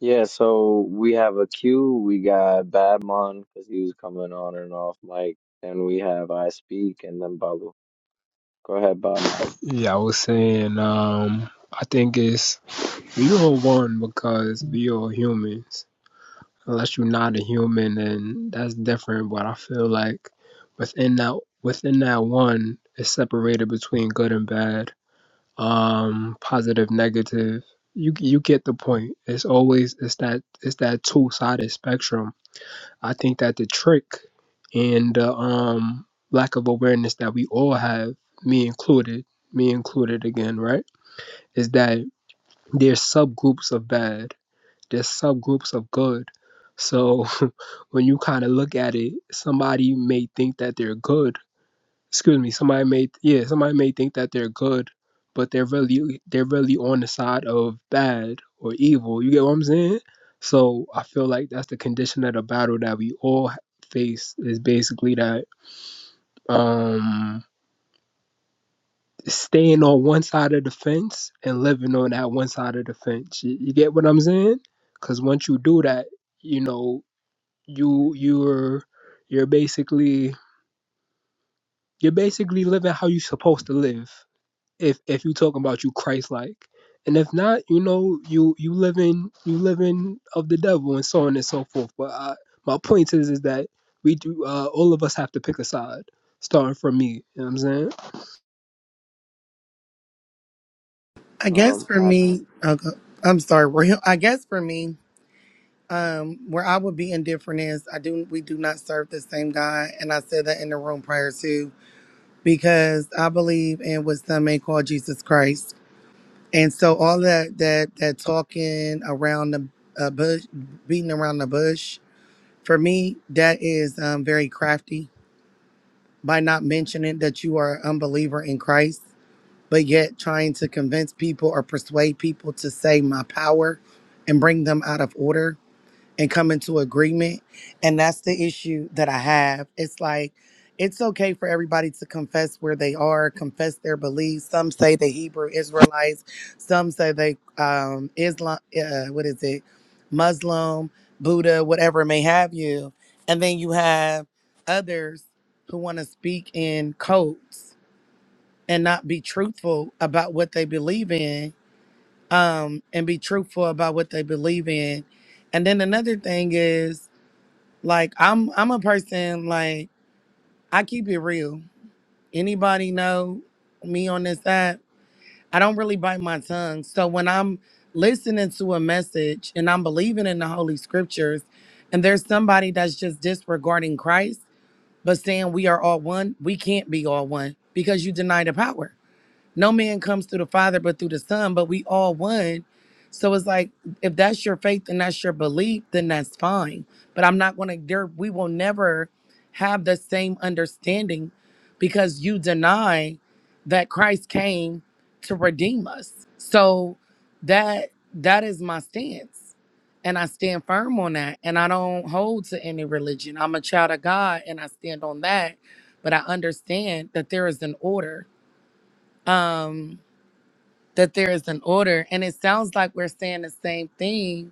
Yeah, so we have a queue. We got Badmon because he was coming on and off mic. Then we have I Speak and then Balu. Go ahead, Badmon. yeah, I was saying, um, I think it's we are one because we are humans. Unless you're not a human, then that's different. But I feel like within that within that one it's separated between good and bad, um, positive, negative. You you get the point. It's always it's that it's that two sided spectrum. I think that the trick and the um, lack of awareness that we all have, me included, me included again, right, is that there's subgroups of bad, there's subgroups of good. So when you kind of look at it, somebody may think that they're good excuse me somebody may yeah somebody may think that they're good but they're really they're really on the side of bad or evil you get what i'm saying so i feel like that's the condition of the battle that we all face is basically that um staying on one side of the fence and living on that one side of the fence you, you get what i'm saying because once you do that you know you you're you're basically you're basically living how you're supposed to live if if you talking about you Christ like. And if not, you know, you you living you living of the devil and so on and so forth. But I, my point is is that we do uh, all of us have to pick a side, starting from me. You know what I'm saying? I guess Um, for I me, Speak. okay, I'm sorry. Real, I guess for me, um, where I would be indifferent is I do we do not serve the same God, and I said that in the room prior to because I believe in what some may call Jesus Christ, and so all that that that talking around the uh, bush, beating around the bush, for me that is um, very crafty by not mentioning that you are an unbeliever in Christ, but yet trying to convince people or persuade people to say my power and bring them out of order and come into agreement. And that's the issue that I have. It's like, it's okay for everybody to confess where they are, confess their beliefs. Some say the Hebrew Israelites, some say they um, Islam, uh, what is it, Muslim, Buddha, whatever may have you. And then you have others who want to speak in codes and not be truthful about what they believe in, um, and be truthful about what they believe in. And then another thing is like I'm I'm a person like I keep it real. Anybody know me on this app? I don't really bite my tongue. So when I'm listening to a message and I'm believing in the holy scriptures and there's somebody that's just disregarding Christ but saying we are all one, we can't be all one because you deny the power. No man comes through the Father but through the Son, but we all one. So it's like if that's your faith and that's your belief, then that's fine. But I'm not gonna there we will never have the same understanding because you deny that Christ came to redeem us. So that that is my stance. And I stand firm on that. And I don't hold to any religion. I'm a child of God and I stand on that. But I understand that there is an order. Um that there is an order. And it sounds like we're saying the same thing.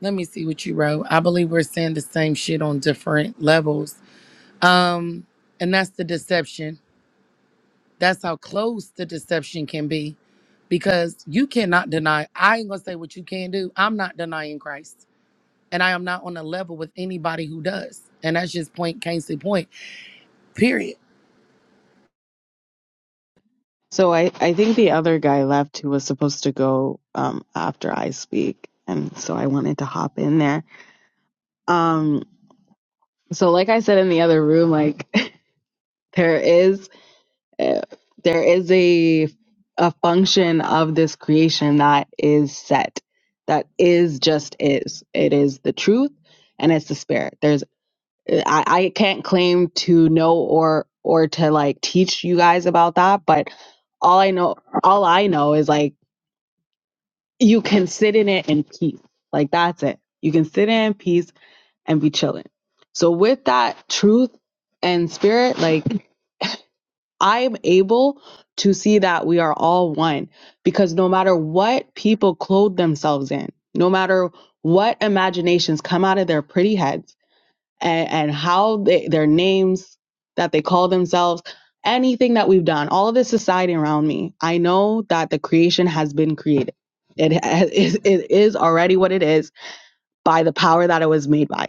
Let me see what you wrote. I believe we're saying the same shit on different levels. Um, and that's the deception. That's how close the deception can be. Because you cannot deny, I ain't gonna say what you can do. I'm not denying Christ. And I am not on a level with anybody who does. And that's just point Casey point. Period. So I, I think the other guy left who was supposed to go um, after I speak, and so I wanted to hop in there. So, like I said in the other room, like there is uh, there is a a function of this creation that is set, that is just is. It is the truth, and it's the spirit. There's I, I can't claim to know or or to like teach you guys about that, but all I know all I know is like you can sit in it in peace. Like that's it. You can sit in peace and be chilling. So with that truth and spirit, like I'm able to see that we are all one because no matter what people clothe themselves in, no matter what imaginations come out of their pretty heads and, and how they, their names that they call themselves, anything that we've done, all of this society around me, I know that the creation has been created. It, it, it is already what it is by the power that it was made by.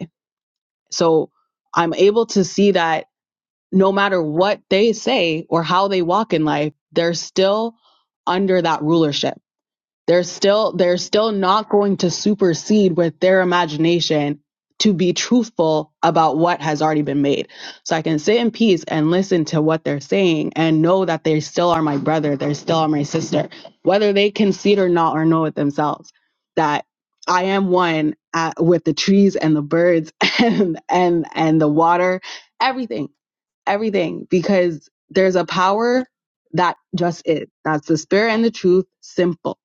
So I'm able to see that no matter what they say or how they walk in life, they're still under that rulership they're still they're still not going to supersede with their imagination to be truthful about what has already been made. So I can sit in peace and listen to what they're saying and know that they still are my brother, they still are my sister, whether they concede or not or know it themselves that I am one uh with the trees and the birds and and and the water, everything, everything because there's a power that just is. That's the spirit and the truth, simple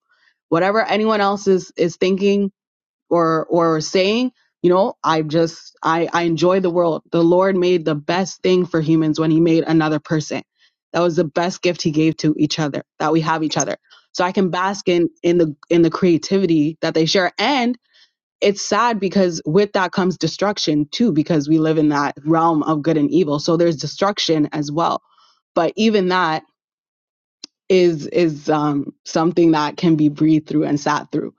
whatever anyone else is is thinking or or saying you know i just i i enjoy the world the lord made the best thing for humans when he made another person that was the best gift he gave to each other that we have each other so i can bask in in the in the creativity that they share and it's sad because with that comes destruction too because we live in that realm of good and evil so there's destruction as well but even that is is um, something that can be breathed through and sat through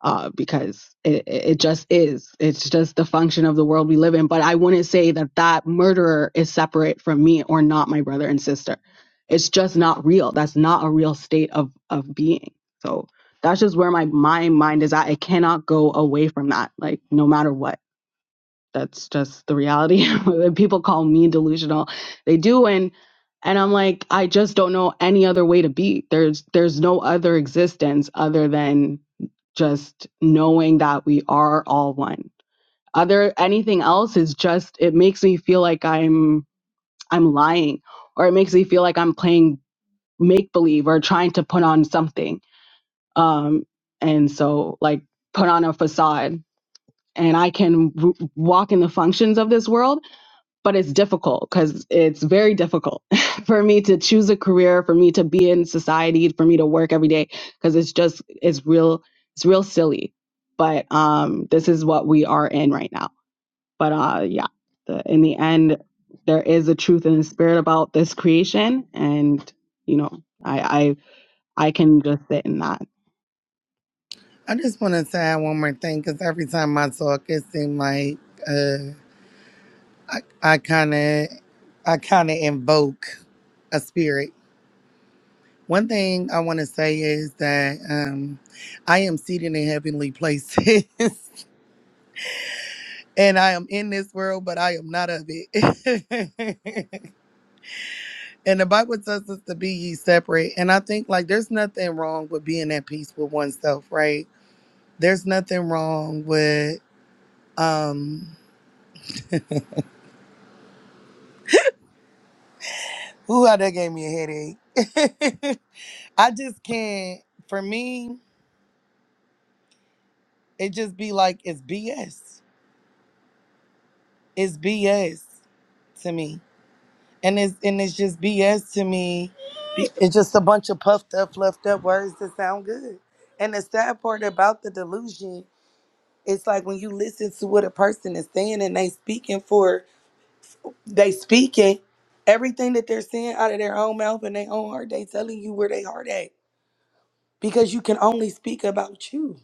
uh, because it, it it just is. It's just the function of the world we live in. But I wouldn't say that that murderer is separate from me or not my brother and sister. It's just not real. That's not a real state of of being. So that's just where my my mind is at. It cannot go away from that. Like no matter what that's just the reality. People call me delusional. They do and and I'm like, I just don't know any other way to be. There's there's no other existence other than just knowing that we are all one. Other anything else is just it makes me feel like I'm I'm lying or it makes me feel like I'm playing make believe or trying to put on something. Um and so like put on a facade and I can w- walk in the functions of this world but it's difficult because it's very difficult for me to choose a career for me to be in society for me to work every day because it's just it's real it's real silly but um this is what we are in right now but uh yeah the, in the end there is a truth and a spirit about this creation and you know i i i can just sit in that I just wanna say one more thing, because every time I talk, it seems like uh I, I kind of, I kind of invoke a spirit. One thing I want to say is that um, I am seated in heavenly places, and I am in this world, but I am not of it. and the Bible tells us to be ye separate. And I think like there's nothing wrong with being at peace with oneself, right? There's nothing wrong with um. Ooh, that gave me a headache. I just can't. For me, It just be like it's BS. It's BS to me. And it's and it's just BS to me. Be- It's just a bunch of puffed up, fluffed up words that sound good. And the sad part about the delusion, it's like when you listen to what a person is saying and they speaking for they speaking, everything that they're saying out of their own mouth and their own heart, they telling you where they heart at. Because you can only speak about you.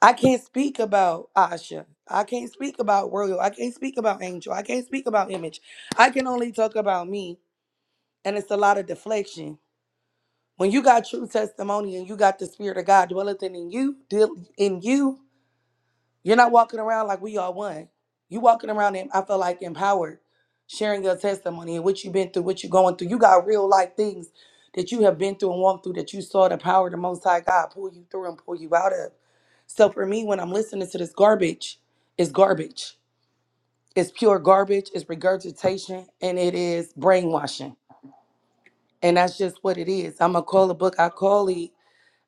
I can't speak about Asha. I can't speak about Royal. I can't speak about Angel. I can't speak about Image. I can only talk about me. And it's a lot of deflection. When you got true testimony and you got the spirit of God dwelling in you, deal in you, you're not walking around like we all one. You walking around, em- I feel like empowered, sharing your testimony and what you've been through, what you're going through. You got real life things that you have been through and walked through that you saw the power of the Most High God pull you through and pull you out of. So for me, when I'm listening to this garbage, it's garbage. It's pure garbage. It's regurgitation and it is brainwashing. And that's just what it is. I'm going to call a book. I call it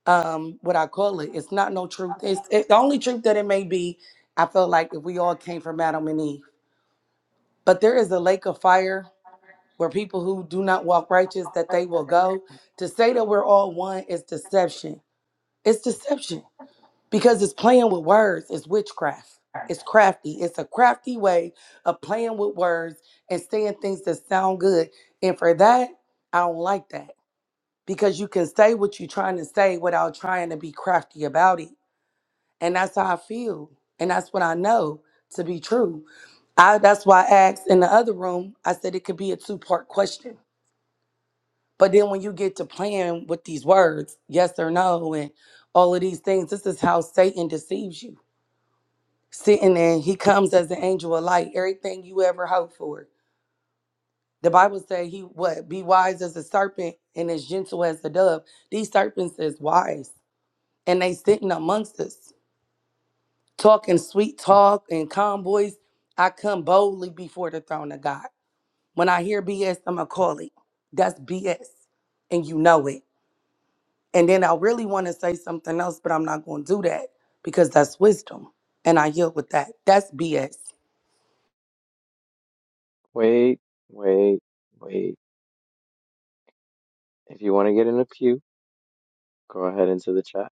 um what I call it. It's not no truth. It's it, the only truth that it may be. I feel like if we all came from Adam and Eve, but there is a lake of fire where people who do not walk righteous that they will go. To say that we're all one is deception. It's deception because it's playing with words. It's witchcraft. It's crafty. It's a crafty way of playing with words and saying things that sound good. And for that, I don't like that because you can say what you're trying to say without trying to be crafty about it and that's how I feel, and that's what I know to be true. I that's why I asked in the other room. I said it could be a two part question, but then when you get to playing with these words, yes or no, and all of these things, this is how Satan deceives you. Sitting there, he comes as an angel of light. Everything you ever hoped for. The Bible says he what be wise as a serpent and as gentle as a dove. These serpents is wise, and they sitting amongst us. talking sweet talk and calm voice. I come boldly before the throne of God. When I hear BS, I'm going to call it. That's BS. And you know it. And then I really want to say something else, but I'm not going to do that because that's wisdom. And I yield with that. That's BS. Wait, wait, wait. If you want to get in the queue, go ahead into the chat.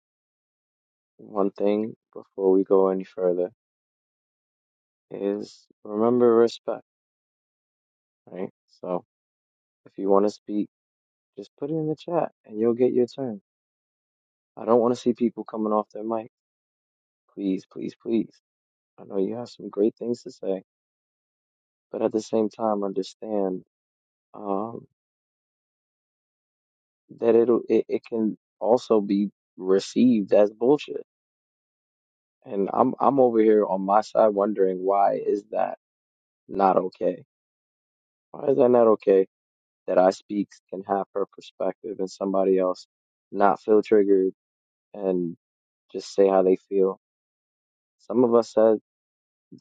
One thing before we go any further is remember respect, right? So if you want to speak, Just put it in the chat and you'll get your turn. I don't want to see people coming off their mic. Please, please, please. I know you have some great things to say, but at the same time, understand um, that it'll it, it can also be received as bullshit. And I'm I'm over here on my side wondering why is that not okay? Why is that not okay that I speaks can have her perspective and somebody else not feel triggered and just say how they feel? Some of us says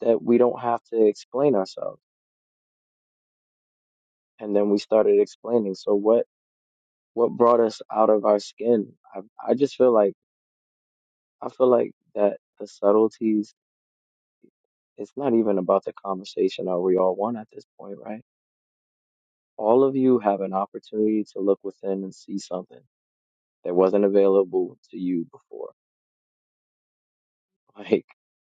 that we don't have to explain ourselves. And then we started explaining. So what what brought us out of our skin? I I just feel like I feel like that the subtleties. It's not even about the conversation Are we all one at this point, right? All of you have an opportunity to look within and see something that wasn't available to you before. Like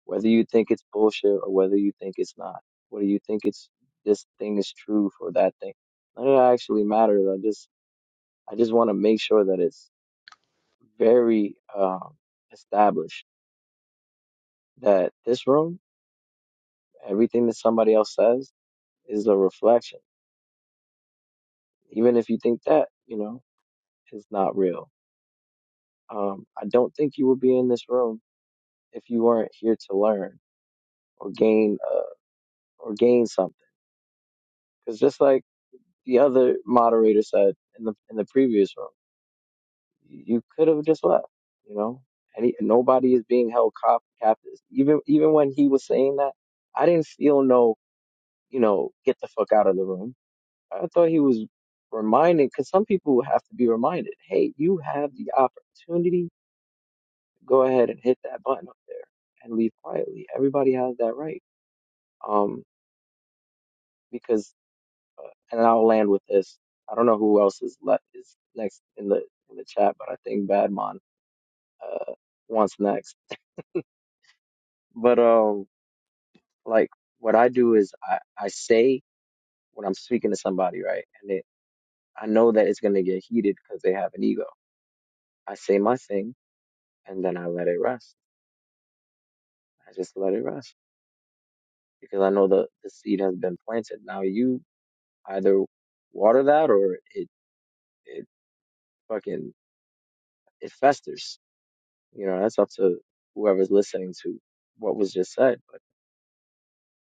whether you think it's bullshit or whether you think it's not, whether you think it's this thing is true for that thing, none of that actually matters. I just I just want to make sure that it's very um, established that this room, everything that somebody else says is a reflection. Even if you think that, you know, is not real. Um, I don't think you would be in this room if you weren't here to learn or gain uh, or gain something. Because just like the other moderator said in the in the previous room, you could have just left. You know, Any, nobody is being held cop- captive. Even even when he was saying that, I didn't feel no you know, get the fuck out of the room. I thought he was reminded, because some people have to be reminded, hey, you have the opportunity. Go ahead and hit that button up there and leave quietly. Everybody has that right. Um, because, and I'll land with this. I don't know who else is left is next in the in the chat, but I think Badmon uh wants next. But um, like what I do is I I say when I'm speaking to somebody, right, and it, I know that it's gonna get heated because they have an ego. I say my thing and then I let it rest I just let it rest because I know the the seed has been planted. Now you either water that or it it fucking it festers. You know, that's up to whoever's listening to what was just said. But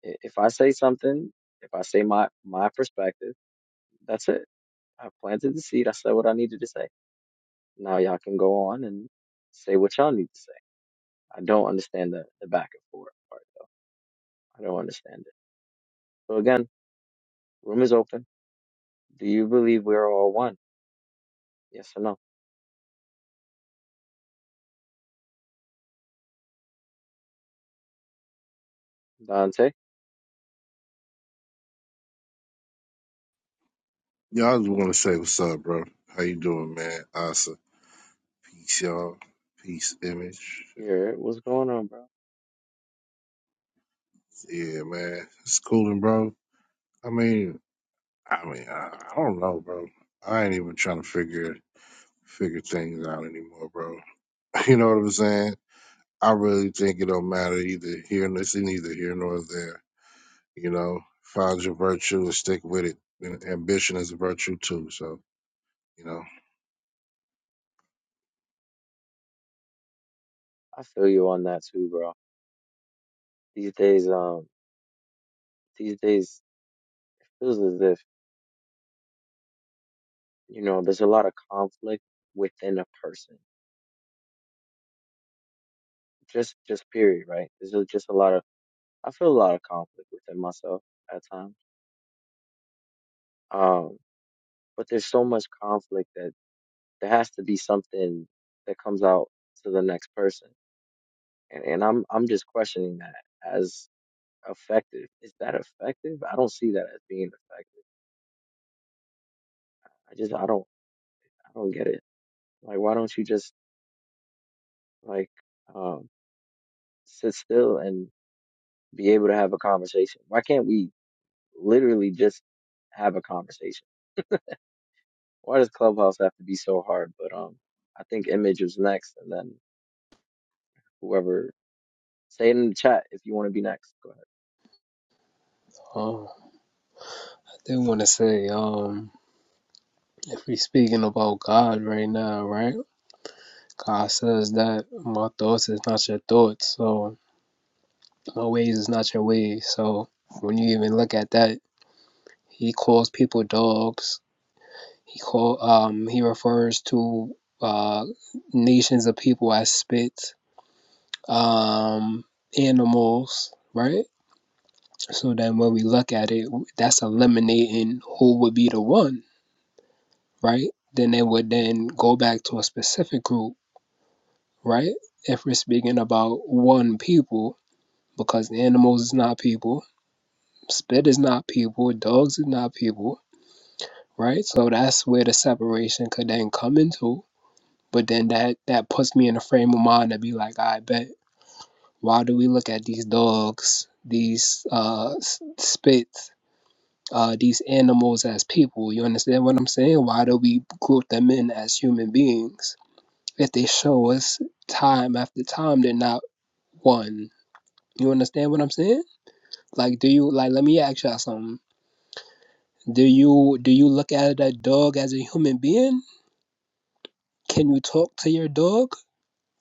i- if I say something, if I say my my perspective, that's it. I planted the seed. I said what I needed to say. Now y'all can go on and say what y'all need to say. I don't understand the the back and forth part though. I don't understand it. So again, room is open. Do you believe we're all one? Yes or no? Dante, Y'all I just want to say what's up, bro. How you doing, man? Asa. Peace, y'all. Peace, image. here, what's going on, bro? Yeah, man. It's cooling, bro. I mean, I mean, I, I don't know, bro. I ain't even trying to figure figure things out anymore, bro. You know what I'm saying? I really think it don't matter either here and it's neither here nor there. You know, find your virtue and stick with it. And ambition is a virtue too. So, you know. I feel you on that too, bro. These days, um, these days it feels as if, you know, there's a lot of conflict within a person. Just, just period, right? There's a- just a lot of, I feel a lot of conflict within myself at times. Um, but there's so much conflict that there has to be something that comes out to the next person. And, and I'm, I'm just questioning that as effective. Is that effective? I don't see that as being effective. I just, I don't, I don't get it. Like, why don't you just like um, sit still and be able to have a conversation? Why can't we literally just have a conversation? Why does Clubhouse have to be so hard? But um, I think Image is next, and then whoever say it in the chat if you want to be next. Go ahead. Um, I did want to say, um, if we speaking about God right now, right? God says that my thoughts is not your thoughts, so my ways is not your ways. So when you even look at that, He calls people dogs. He call um he refers to uh nations of people as spits, um animals, right? So then when we look at it, that's eliminating who would be the one, right? Then it would then go back to a specific group, right? If we're speaking about one people, because animals is not people, spit is not people, dogs is not people, right? So that's where the separation could then come into But then that that puts me in a frame of mind to be like, I bet why do we look at these dogs, these uh spits, uh these animals as people? You understand what I'm saying? Why do we group them in as human beings? If they show us time after time they're not one. You understand what I'm saying? Like do you like let me ask y'all something. Do you do you look at a dog as a human being? Can you talk to your dog?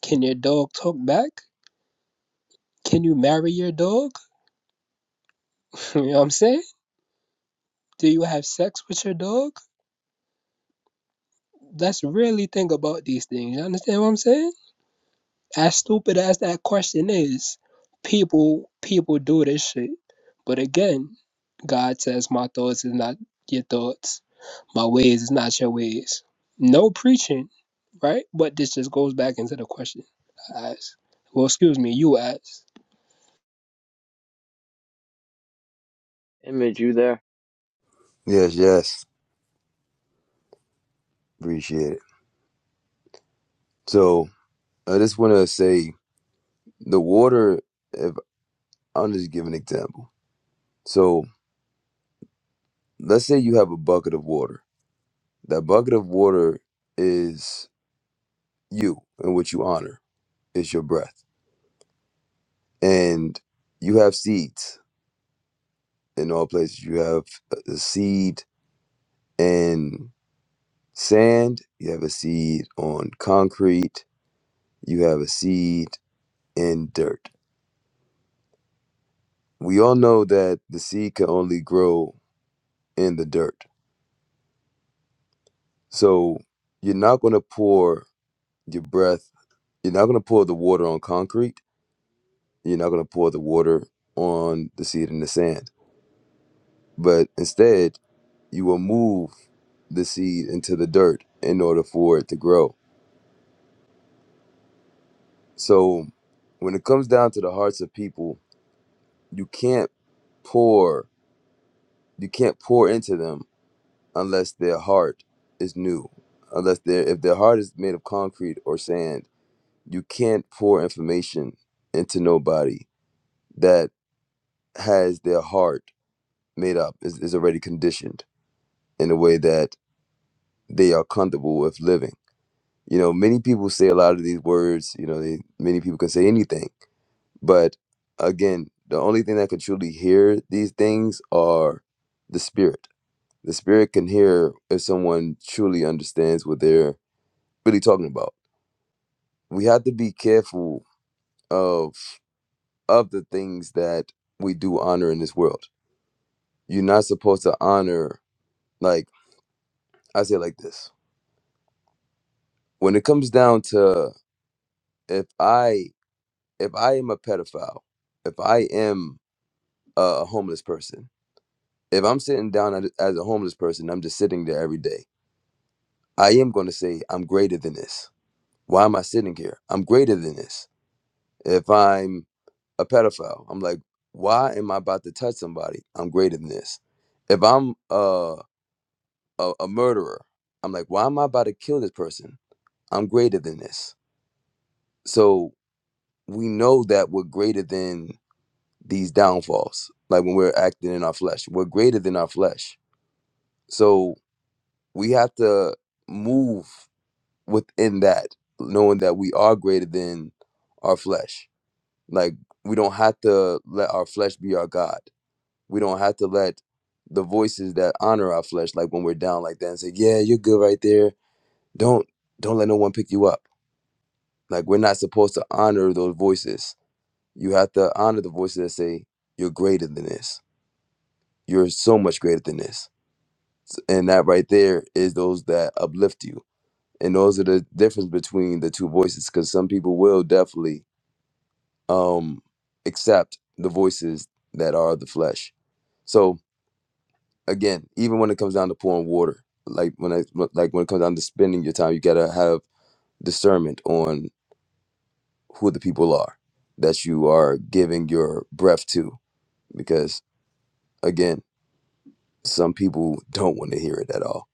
Can your dog talk back? Can you marry your dog? You know what I'm saying? Do you have sex with your dog? Let's really think about these things. You understand what I'm saying? As stupid as that question is, people people do this shit. But again, God says my thoughts is not your thoughts. My ways is not your ways. No preaching, right? But this just goes back into the question. I asked. Well, excuse me, you asked. Image, you there? Yes, yes, appreciate it. So I just want to say the water. If I'm just giving an example, so let's say you have a bucket of water That bucket of water is you and what you honor is your breath. And you have seeds in all places. You have a a seed in sand, you have a seed on concrete, you have a seed in dirt. We all know that the seed can only grow in the dirt. So you're not going to pour your breath, you're not going to pour the water on concrete, you're not going to pour the water on the seed in the sand But instead, you will move the seed into the dirt in order for it to grow. So when it comes down to the hearts of people, you can't pour you can't pour into them unless their heart is new. Unless their if their heart is made of concrete or sand, you can't pour information into nobody that has their heart made up, is, is already conditioned in a way that they are comfortable with living. you know many people say a lot of these words you know they many people can say anything but again the only thing that can truly hear these things are the spirit the spirit can hear if someone truly understands what they're really talking about we have to be careful of of the things that we do honor in this world you're not supposed to honor like i say it like this when it comes down to if i if i am a pedophile if i am a homeless person. If I'm sitting down at- as a homeless person, I'm just sitting there every day. I am going to say, I'm greater than this. Why am I sitting here? I'm greater than this. If I'm a pedophile, I'm like, why am I about to touch somebody? I'm greater than this. If I'm uh, a, a murderer, I'm like, why am I about to kill this person? I'm greater than this. So we know that we're greater than these downfalls. Like when we're acting in our flesh, we're greater than our flesh. So we have to move within that, knowing that we are greater than our flesh. Like we don't have to let our flesh be our God. We don't have to let the voices that honor our flesh, like when we're down like that and say, Yeah, you're good right there. Don't don't let no one pick you up. Like we're not supposed to honor those voices. You have to honor the voices that say, You're greater than this. You're so much greater than this. And that right there is those that uplift you and those are the difference between the two voices because some people will definitely um accept the voices that are the flesh so again even when it comes down to pouring water like when i like when it comes down to spending your time you gotta have discernment on who the people are that you are giving your breath to because again some people don't want to hear it at all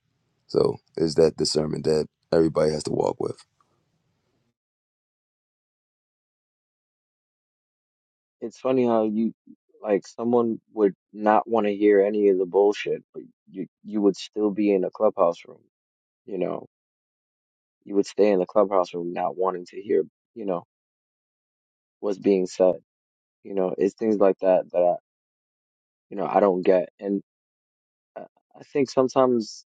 so is that discernment that everybody has to walk with It's funny how you like someone would not want to hear any of the bullshit, but you you would still be in a clubhouse room. You know, you would stay in the clubhouse room not wanting to hear. You know what's being said You know, it's things like that that I, you know, I don't get. And I I think sometimes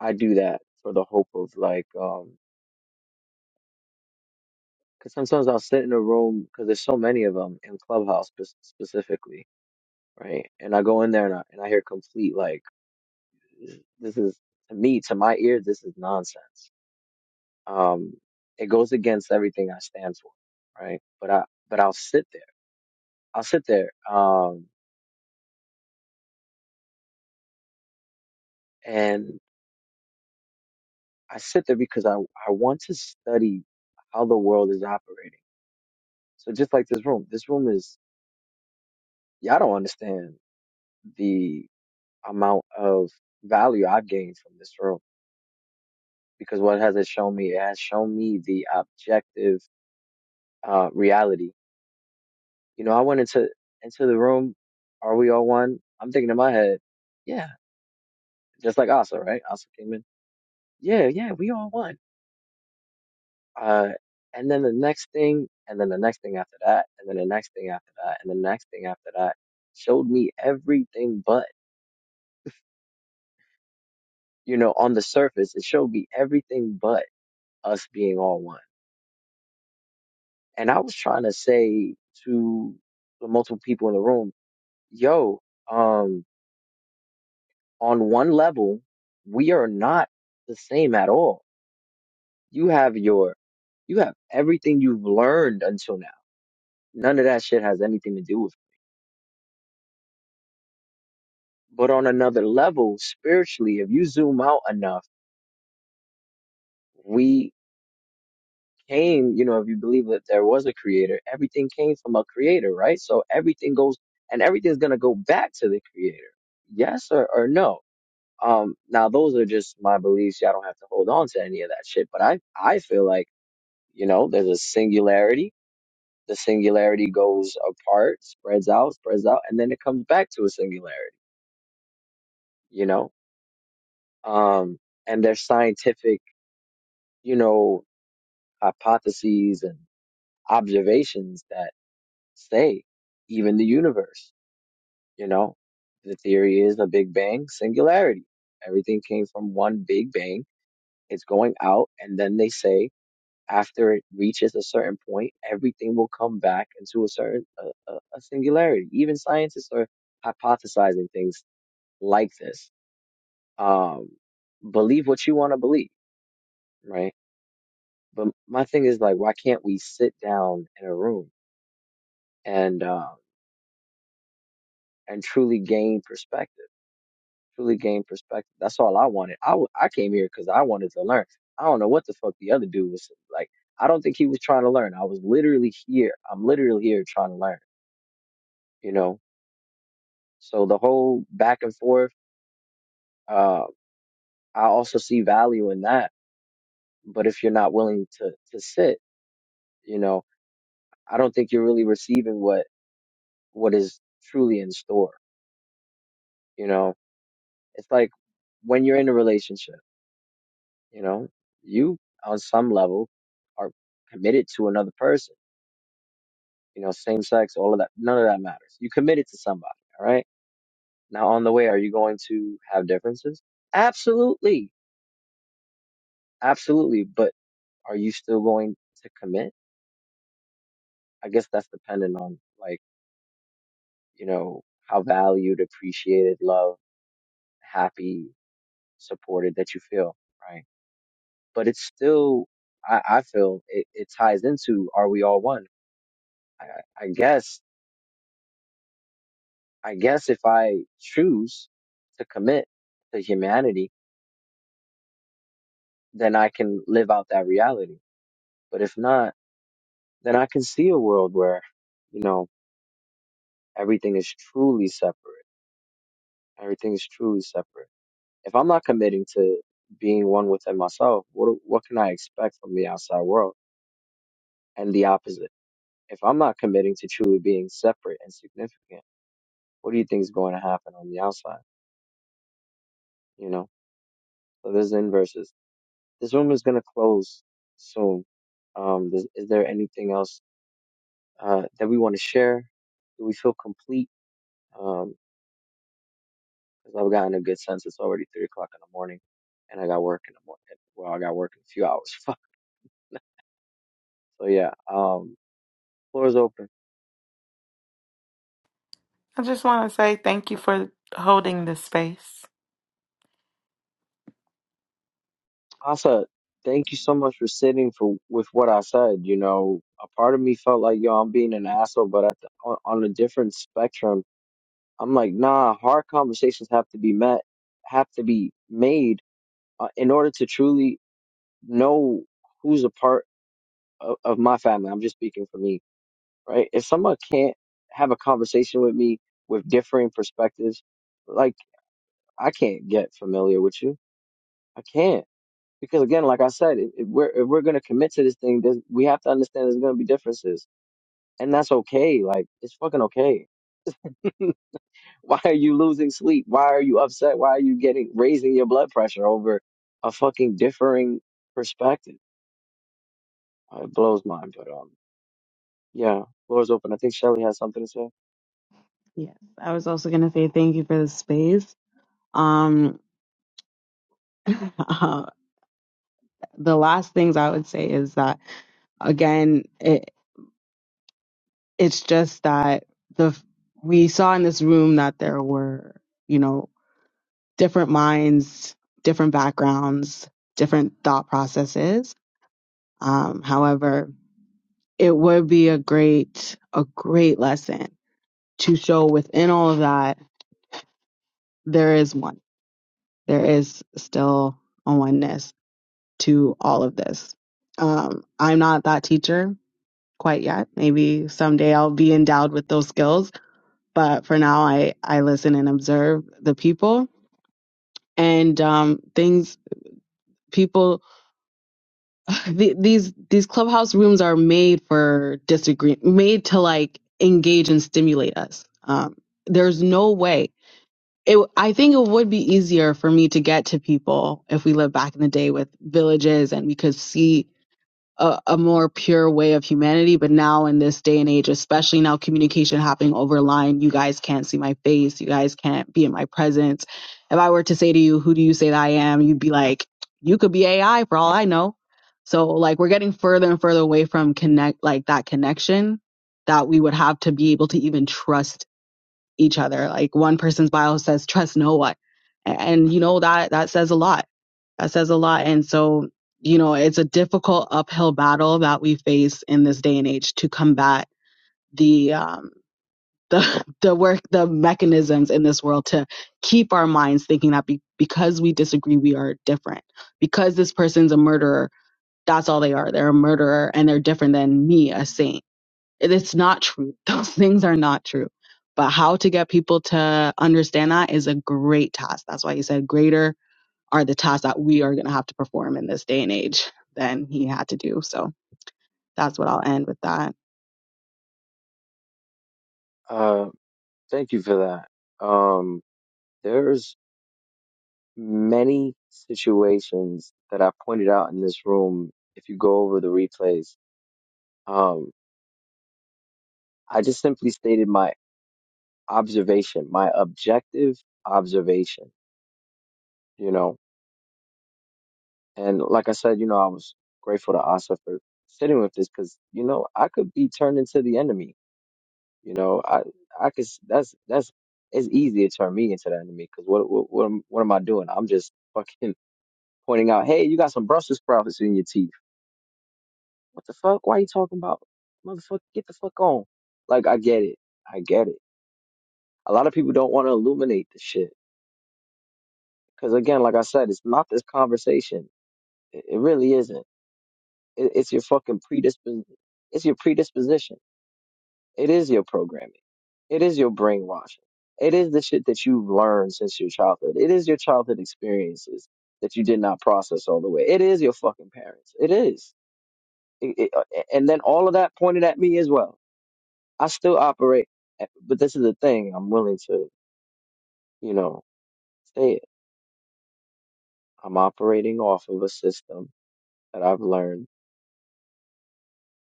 I do that for the hope of like, um, because sometimes I'll sit in a room because there's so many of them in Clubhouse spe- specifically, right? And I go in there and I, and I hear complete like, this is to me, to my ear, this is nonsense. Um, it goes against everything I stand for, right? But I, but I'll sit there. I'll sit there. Um, I sit there because I, I want to study how the world is operating. So just like this room, this room is, y'all don't understand the amount of value I've gained from this room because what has it shown me? It has shown me the objective, uh, reality. You know, I went into, into the room. Are we all one? I'm thinking in my head, yeah, just like Asa, right? Asa came in. Yeah, yeah, we all one Uh, and then the next thing, and then the next thing after that, and then the next thing after that, and the next thing after that showed me everything but, you know, on the surface, it showed me everything but us being all one. And I was trying to say to the multiple people in the room, yo, um, on one level, we are not the same at all. You have your, you have everything you've learned until now. None of that shit has anything to do with. me. But on another level, spiritually, if you zoom out enough, we came, you know, if you believe that there was a creator, everything came from a creator, right? So everything goes and everything's going to go back to the creator. Yes or, or no? Um, now those are just my beliefs. Y'all don't have to hold on to any of that shit. But I, I feel like, you know, there's a singularity. The singularity goes apart, spreads out, spreads out, and then it comes back to a singularity, you know? Um, and there's scientific, you know, hypotheses and observations that say even the universe, you know, the theory is the Big Bang singularity. Everything came from one Big Bang. It's going out. And then they say after it reaches a certain point, everything will come back into a certain a, a, a singularity. Even scientists are hypothesizing things like this. Um, believe what you want to believe, right? But my thing is like, why can't we sit down in a room? and um and truly gain perspective. Truly gain perspective. That's all I wanted. I, w- I came here because I wanted to learn. I don't know what the fuck the other dude was like. I don't think he was trying to learn. I was literally here. I'm literally here trying to learn, you know? So the whole back and forth, uh, I also see value in that. But if you're not willing to, to sit, you know, I don't think you're really receiving what, what is truly in store, you know? It's like when you're in a relationship. You know, you on some level are committed to another person. You know, same sex, all of that, none of that matters. You committed to somebody, all right? Now, on the way, are you going to have differences? Absolutely. Absolutely. But are you still going to commit? I guess that's dependent on, like, you know, how valued, appreciated, loved, happy, supported that you feel, right? But it's still, I, I feel it, it ties into are we all one? I, I guess I guess if I choose to commit to humanity, then I can live out that reality. But if not, then I can see a world where, you know, everything is truly separate. Everything is truly separate. If I'm not committing to being one within myself, what what can I expect from the outside world? And the opposite. If I'm not committing to truly being separate and significant, what do you think is going to happen on the outside? You know, so there's inverses. This room is gonna close soon. Um, is, is there anything else uh, that we want to share? Do we feel complete? Um, because I've gotten a good sense. It's already three o'clock in the morning, and I got work in the morning. Well, I got work in a few hours. Fuck. so yeah, um, floor is open. I just want to say thank you for holding this space. Asa, thank you so much for sitting for with what I said. You know, a part of me felt like yo, I'm being an asshole, but at the, on, on a different spectrum, I'm like, nah. Hard conversations have to be met, have to be made uh, in order to truly know who's a part of, of my family, I'm just speaking for me, right? If someone can't have a conversation with me with differing perspectives, like I can't get familiar with you. I can't. Because again, like I said, if, if we're if we're gonna commit to this thing, there's, we have to understand there's gonna be differences, and that's okay. Like it's fucking okay. Why are you losing sleep? Why are you upset? Why are you getting raising your blood pressure over a fucking differing perspective? Uh, It blows mine, but um, Yeah, floor open. I think Shelly has something to say. Yes, I was also going to say thank you for the space. Um, uh, the last things I would say is that again, It's just that the we saw in this room that there were, you know, different minds, different backgrounds, different thought processes. Um, however, it would be a great a great lesson to show within all of that there is one. There is still a oneness to all of this. Um, I'm not that teacher quite yet. Maybe someday I'll be endowed with those skills but for now i i listen and observe the people and um things people the, these these clubhouse rooms are made for disagree made to like engage and stimulate us um there's no way it i think it would be easier for me to get to people if we lived back in the day with villages and we could see a, a more pure way of humanity. But now in this day and age, especially now communication happening over line, you guys can't see my face. You guys can't be in my presence. If I were to say to you, who do you say that I am? You'd be like, you could be AI for all I know. So like we're getting further and further away from connect, like that connection that we would have to be able to even trust each other. Like one person's bio says, trust no one. A- And you know, that, that says a lot that says a lot. And so, you know, it's a difficult uphill battle that we face in this day and age to combat the um, the the work the mechanisms in this world to keep our minds thinking that be, because we disagree we are different because this person's a murderer that's all they are they're a murderer and they're different than me a saint It- it's not true those things are not true but how to get people to understand that is a great task that's why you said greater are the tasks that we are going to have to perform in this day and age than he had to do. So that's what I'll end with that. Uh, thank you for that. Um, there's many situations that I pointed out in this room. If you go over the replays, um, I just simply stated my observation, my objective observation, you know. And like I said, you know, I was grateful to Asa for sitting with this because, you know, I could be turned into the enemy You know, I I could s- that's that's it's easy to turn me into the enemy because what what what am, what am I doing? I'm just fucking pointing out, hey, you got some Brussels sprouts in your teeth. What the fuck? Why you talking about? Motherfucker, get the fuck on. Like I get it, I get it. A lot of people don't want to illuminate the shit because again, like I said, it's not this conversation. It, it really isn't. It, it's your fucking predispos. It's your predisposition. It is your programming. It is your brainwashing. It is the shit that you've learned since your childhood. It is your childhood experiences that you did not process all the way. It is your fucking parents. It is. It- it- uh, and then all of that pointed at me as well. I still operate, eh, but this is the thing. I'm willing to, you know, say it. I'm operating off of a system that I've learned,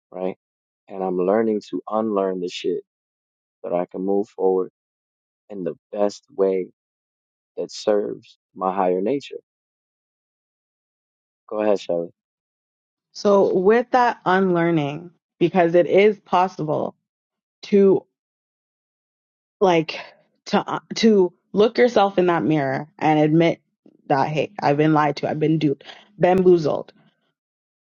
right? And I'm learning to unlearn the shit so that I can move forward in the best way that serves my higher nature Go ahead, Shelly. So with that unlearning, because it is possible to like to uh, to look yourself in that mirror and admit that hey, I've been lied to, I've been duped, bamboozled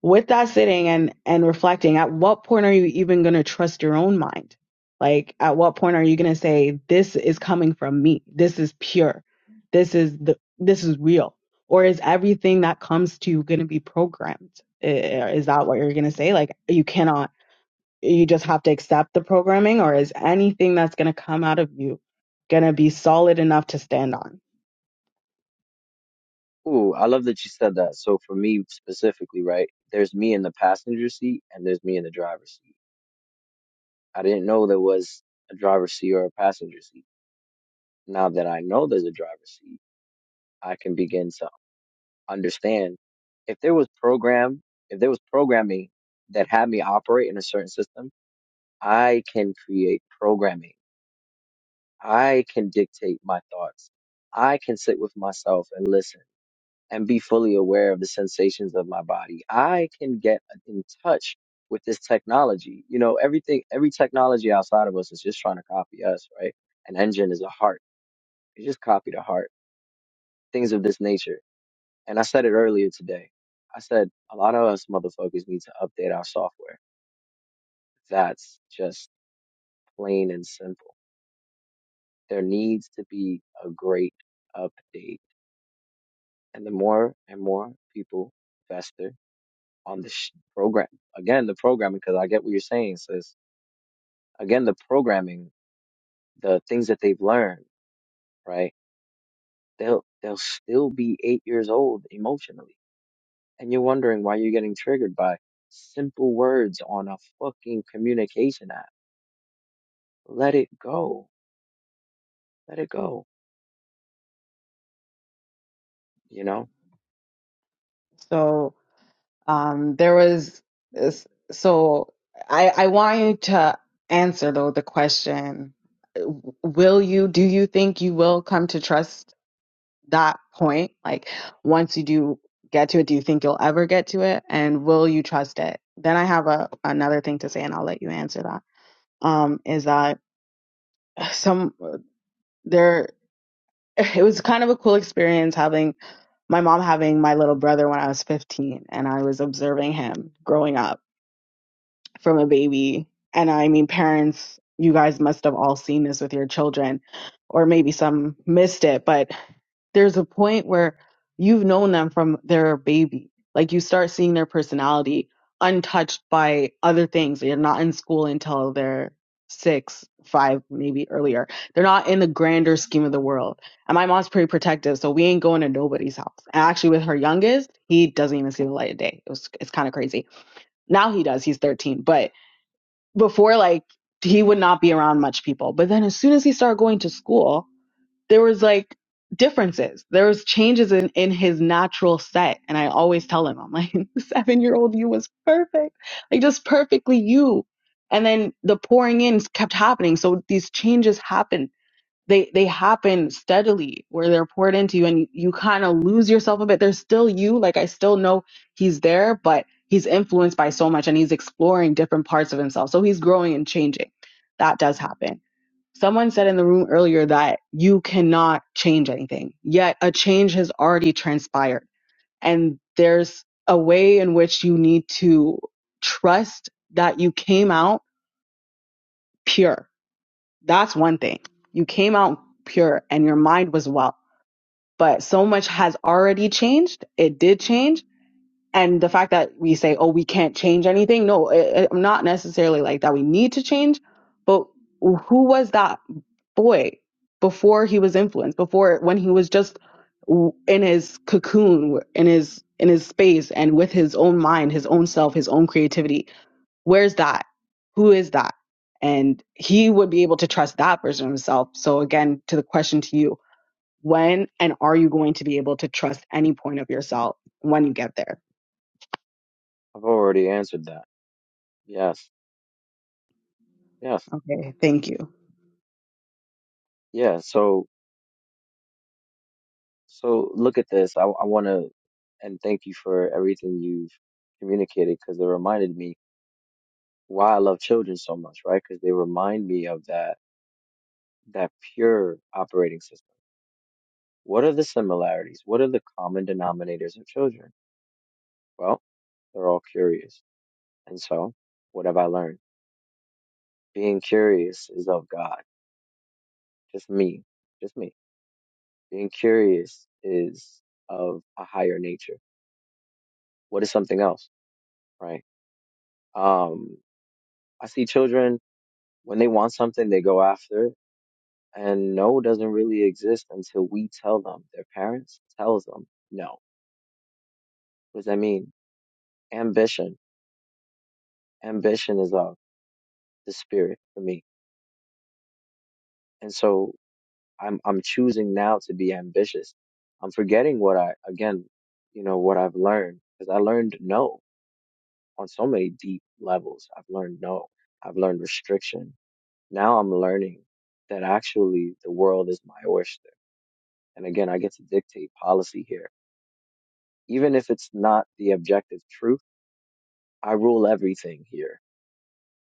with that sitting and and reflecting at what point are you even going to trust your own mind like at what point are you going to say this is coming from me this is pure this is the this is real or is everything that comes to you going to be programmed I- is that what you're going to say like you cannot you just have to accept the programming or is anything that's going to come out of you going to be solid enough to stand on Ooh, I love that you said that. So for me specifically, right, there's me in the passenger seat and there's me in the driver's seat. I didn't know there was a driver's seat or a passenger seat. Now that I know there's a driver's seat, I can begin to understand if there was program, if there was programming that had me operate in a certain system, I can create programming. I can dictate my thoughts. I can sit with myself and listen. and be fully aware of the sensations of my body. I can get in touch with this technology. You know, everything, every technology outside of us is just trying to copy us, right? An engine is a heart. It just copied a heart, things of this nature. And I said it earlier today. I said a lot of us motherfuckers need to update our software. That's just plain and simple. There needs to be a great update. And the more and more people, faster. on the sh- program. Again, the programming, because I get what you're saying, sis. Again, the programming, the things that they've learned, right? They'll they'll still be eight years old emotionally, and you're wondering why you're getting triggered by simple words on a fucking communication app. Let it go. Let it go. You know, so Um, there was this, so I I want you to answer though the question: Will you? Do you think you will come to trust that point? Like once you do get to it, do you think you'll ever get to it? And will you trust it? Then I have a another thing to say, and I'll let you answer that. Um, is that some there? It was kind of a cool experience having my mom having my little brother when I was 15, and I was observing him growing up from a baby. And I mean, parents, you guys must have all seen this with your children, or maybe some missed it, but there's a point where you've known them from their baby. Like you start seeing their personality untouched by other things. They're not in school until they're six, five, maybe earlier. They're not in the grander scheme of the world. And my mom's pretty protective, so we ain't going to nobody's house. And actually, with her youngest, he doesn't even see the light of day. It was, it's kind of crazy. Now he does. He's 13, but before like he would not be around much people but then as soon as he started going to school there was like differences there was changes in in his natural set and i always tell him i'm like the seven year old you was perfect like just perfectly you and then the pouring in kept happening so these changes happened they they happen steadily where they're poured into you and you, you kind of lose yourself a bit there's still you like i still know he's there but he's influenced by so much and he's exploring different parts of himself so he's growing and changing that does happen someone said in the room earlier that you cannot change anything yet a change has already transpired and there's a way in which you need to trust that you came out pure that's one thing you came out pure and your mind was well but so much has already changed. It did change. And the fact that we say, oh, we can't change anything, no, it, it- not necessarily like that we need to change, but who was that boy before he was influenced, before when he was just w- in his cocoon, in his in his space and with his own mind, his own self, his own creativity? Where's that? Who is that? And he would be able to trust that version of himself. So again, to the question to you, when and are you going to be able to trust any point of yourself when you get there? I've already answered that. Yes, yes, Okay, thank you. yeah. So so look at this. I I want to and thank you for everything you've communicated because it reminded me why I love children so much, right? Because they remind me of that that pure operating system. What are the similarities? What are the common denominators of children? Well, they're all curious. And so, what have I learned? Being curious is of God. Just me. Just me. Being curious is of a higher nature. What is something else, right? Um, I see children when they want something, they go after it And no doesn't really exist until we tell them. Their parents tells them no. What does that mean? Ambition. Ambition is of the spirit for me. And so I'm I'm choosing now to be ambitious. I'm forgetting what I again, you know, what I've learned because I learned no on so many deep levels. I've learned no. I've learned restriction. Now I'm learning that actually the world is my oyster. And again, I get to dictate policy here even if it's not the objective truth I rule everything here.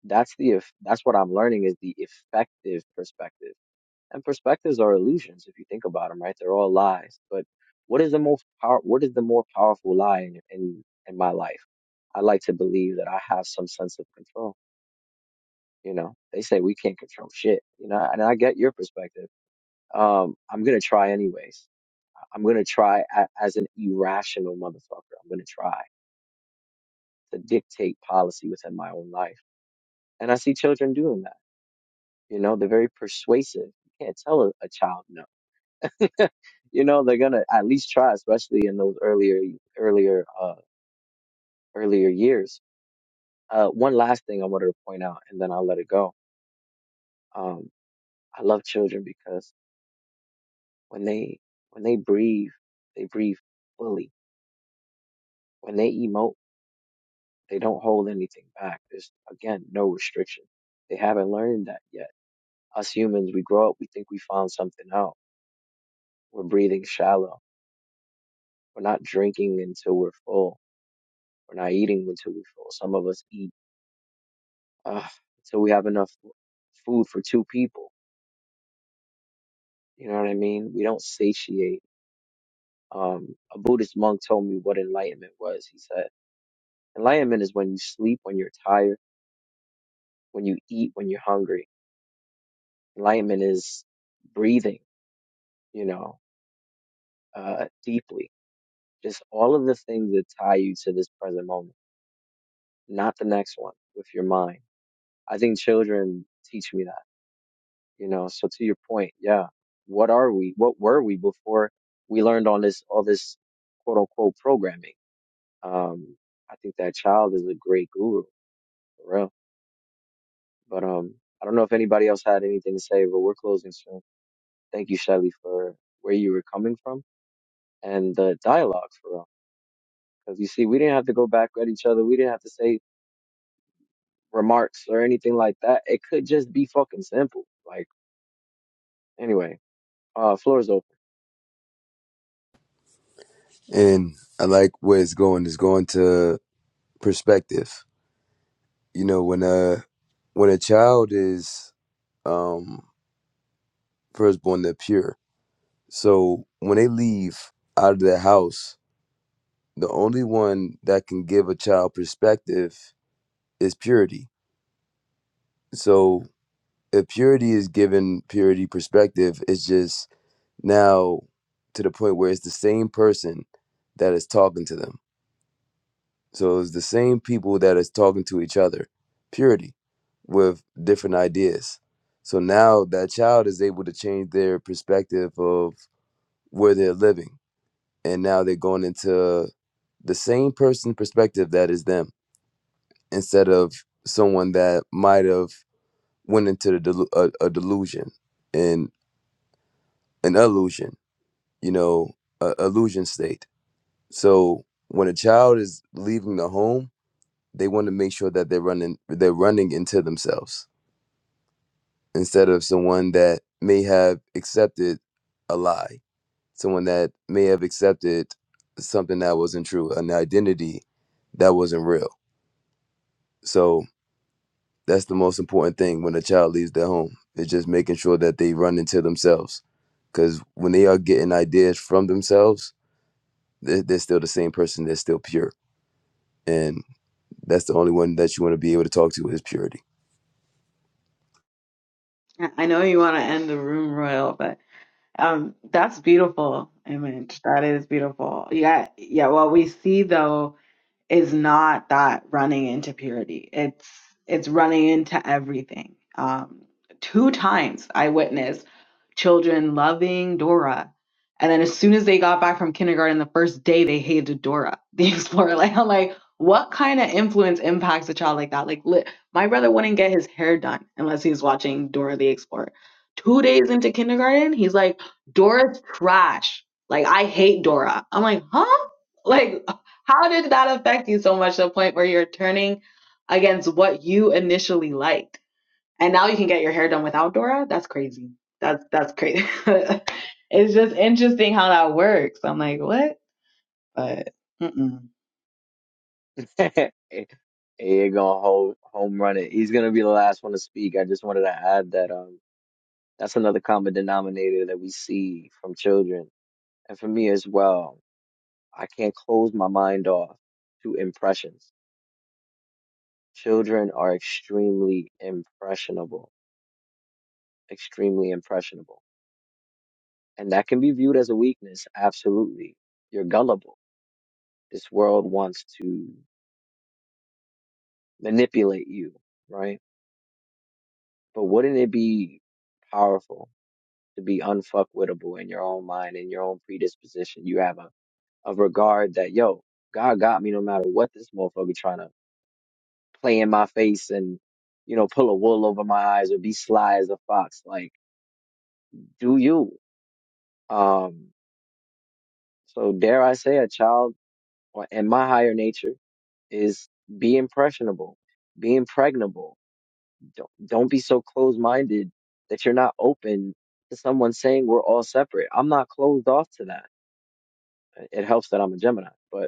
That's the if that's what I'm learning is the effective perspective. And perspectives are illusions if you think about them, right? They're all lies. But what is the most power? What is the more powerful lie in, in in my life? I like to believe that I have some sense of control. You know, they say we can't control shit. You know, and I get your perspective. Um, I'm gonna try anyways. I'm gonna try a, as an irrational motherfucker. I'm gonna try to dictate policy within my own life. And I see children doing that You know, they're very persuasive. You can't tell a, a child no. You know, they're gonna at least try, especially in those earlier, earlier, uh, earlier years. Uh, one last thing I wanted to point out, and then I'll let it go. Um, I love children because when they when they breathe, they breathe fully. When they emote, they don't hold anything back. There's again no restriction. They haven't learned that yet. Us humans, we grow up, we think we found something out. We're breathing shallow. We're not drinking until we're full We're not eating until we full. Some of us eat uh, until we have enough food for two people. You know what I mean? We don't satiate. Um, a Buddhist monk told me what enlightenment was. He said, enlightenment is when you sleep, when you're tired, when you eat, when you're hungry. Enlightenment is breathing, you know, uh, deeply. Just all of the things that tie you to this present moment, not the next one with your mind. I think children teach me that you know so to your point yeah what are we what were we before we learned all this all this quote unquote programming um i think that child is a great guru for real but um i don't know if anybody else had anything to say but we're closing soon thank you shelly for where you were coming from and the dialogue for real because you see we didn't have to go back at each other we didn't have to say remarks or anything like that it could just be fucking simple like anyway uh floor is and i like where it's going it's going to perspective. You know, when a when a child is um first born, they're pure. So when they leave out of the house, the only one that can give a child perspective is purity. So if purity is given purity perspective, it's just now to the point where it's the same person that is talking to them. So it's the same people that is talking to each other, purity, with different ideas. So now that child is able to change their perspective of where they're living. And now they're going into the same person perspective that is them instead of someone that might have went into the delu- a, a delusion and an illusion, you know, a illusion state. So when a child is leaving the home they want to make sure that they're running they're running into themselves instead of someone that may have accepted a lie someone that may have accepted something that wasn't true an identity that wasn't real so that's the most important thing when a child leaves their home It's just making sure that they run into themselves because when they are getting ideas from themselves they're, they're still the same person they're still pure and that's the only one that you want to be able to talk to is purity I I know you want to end the room royal, but um, that's beautiful image. That is beautiful. Yeah, yeah. What we see though is not that running into purity. It's it's running into everything. Um, two times I witnessed children loving Dora, and then as soon as they got back from kindergarten, the first day they hated Dora the Explorer. Like I'm like, what kind of influence impacts a child like that? Like li- my brother wouldn't get his hair done unless he's watching Dora the Explorer. Two days into kindergarten, he's like, Dora's trash. Like I hate Dora. I'm like, huh? Like how did that affect you so much to the point where you're turning against what you initially liked? And now you can get your hair done without Dora? That's crazy. That's that's crazy. it's just interesting how that works. I'm like, what? But mm-mm. open He' gonna hold home run it. He's gonna be the last one to speak. I just wanted to add that um that's another common denominator that we see from children and for me as well. I can't close my mind off to impressions. Children are extremely impressionable, extremely impressionable. And that can be viewed as a weakness, absolutely. You're gullible. This world wants to manipulate you, right? But wouldn't it be powerful to be unfuckwittable in your own mind, in your own predisposition. You have a, a regard that, yo, God got me no matter what this motherfucker trying to play in my face and, you know, pull a wool over my eyes or be sly as a fox. Like, do you? Um, so dare I say a child or- and my higher nature is be impressionable, be impregnable. Don't, don't be so closed minded that you're not open to someone saying we're all separate. I'm not closed off to that. It helps that I'm a Gemini, but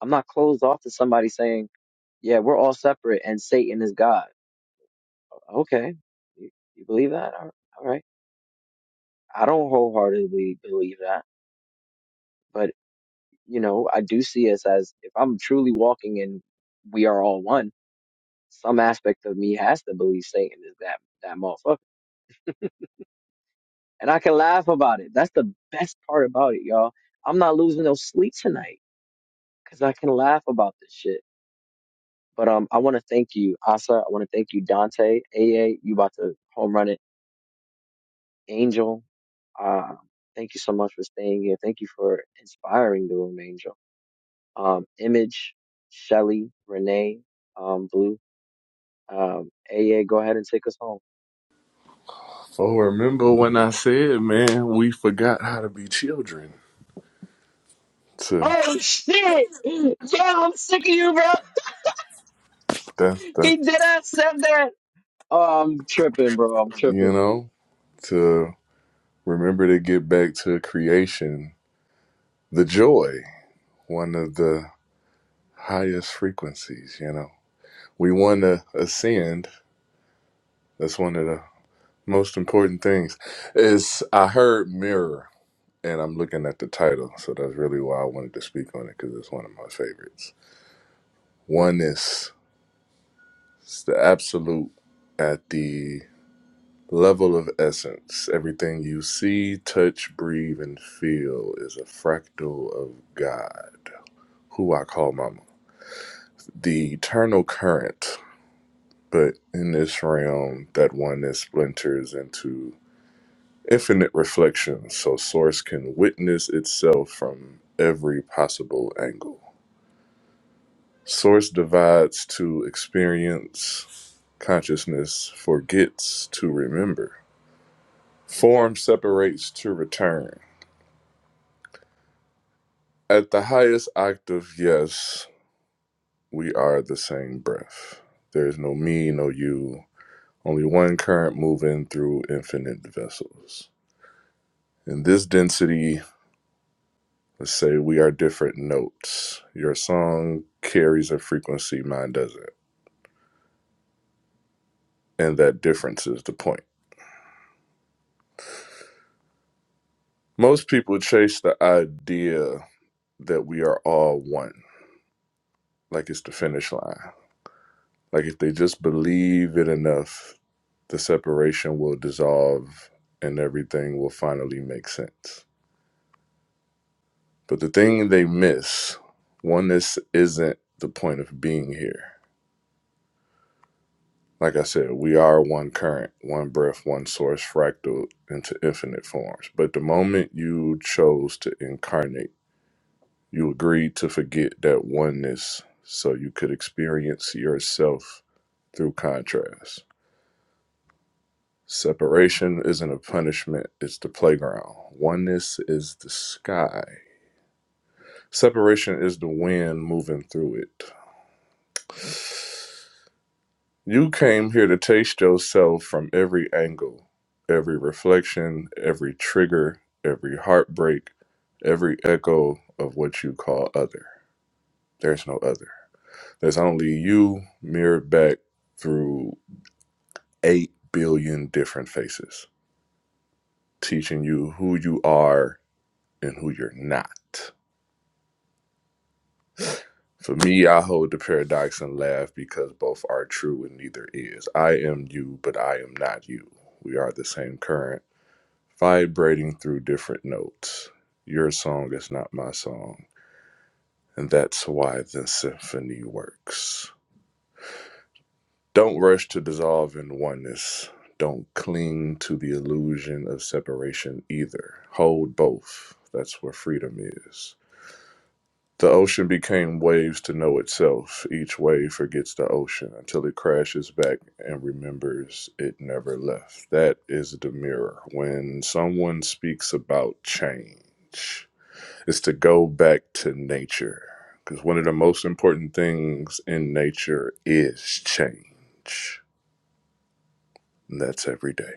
I'm not closed off to somebody saying, yeah, we're all separate and Satan is God. Okay. You, you believe that? All all right. I don't wholeheartedly believe that, but you know, I do see us as if I'm truly walking in. we are all one, some aspect of me has to believe Satan is that, that motherfucker. And I can laugh about it. That's the best part about it, y'all. I'm not losing no sleep tonight because I can laugh about this shit. But um, I want to thank you, Asa. I want to thank you, Dante, A. A. You about to home run it Angel, uh, thank you so much for staying here. Thank you for inspiring the room, Angel. Um, Image, Shelly, Renee, um, Blue, um, AA, go ahead and take us home. Oh, remember when I said, man, we forgot how to be children. To Oh shit! Yeah, I'm sick of you, bro. that's that He did not said that. Oh, I'm tripping, bro. I'm you tripping. know, to remember to get back to creation. The joy, one of the highest frequencies, you know. We wanna ascend. That's one of the most important things. Is I heard mirror and I'm looking at the title, so that's really why I wanted to speak on it because it's one of my favorites. One is it's the absolute at the Level of essence. Everything you see, touch, breathe, and feel is a fractal of God, who I call Mama. The eternal current, but in this realm, that oneness splinters into infinite reflections, so Source can witness itself from every possible angle. Source divides to experience, consciousness forgets to remember, form separates to return. At the highest octave, yes, we are the same breath. There is no me, no you, only one current moving through infinite vessels. In this density, let's say we are different notes. Your song carries a frequency, mine doesn't. And that difference is the point. Most people chase the idea that we are all one, like it's the finish line. Like if they just believe it enough, the separation will dissolve and everything will finally make sense. But the thing they miss, oneness isn't the point of being here. Like I said, we are one current, one breath, one source, fractal into infinite forms. But the moment you chose to incarnate, you agreed to forget that oneness so you could experience yourself through contrast. Separation isn't a punishment, it's the playground. Oneness is the sky. Separation is the wind moving through it. You came here to taste yourself from every angle, every reflection, every trigger, every heartbreak, every echo of what you call other. There's no other. There's only you mirrored back through 8 billion different faces, teaching you who you are and who you're not. For me, I hold the paradox and laugh because both are true and neither is. I am you, but I am not you. We are the same current, vibrating through different notes. Your song is not my song, and that's why the symphony works. Don't rush to dissolve in oneness. Don't cling to the illusion of separation either. Hold both. That's where freedom is. The ocean became waves to know itself. Each wave forgets the ocean until it crashes back and remembers it never left. That is the mirror. When someone speaks about change, it's to go back to nature. Because one of the most important things in nature is change. And that's every day.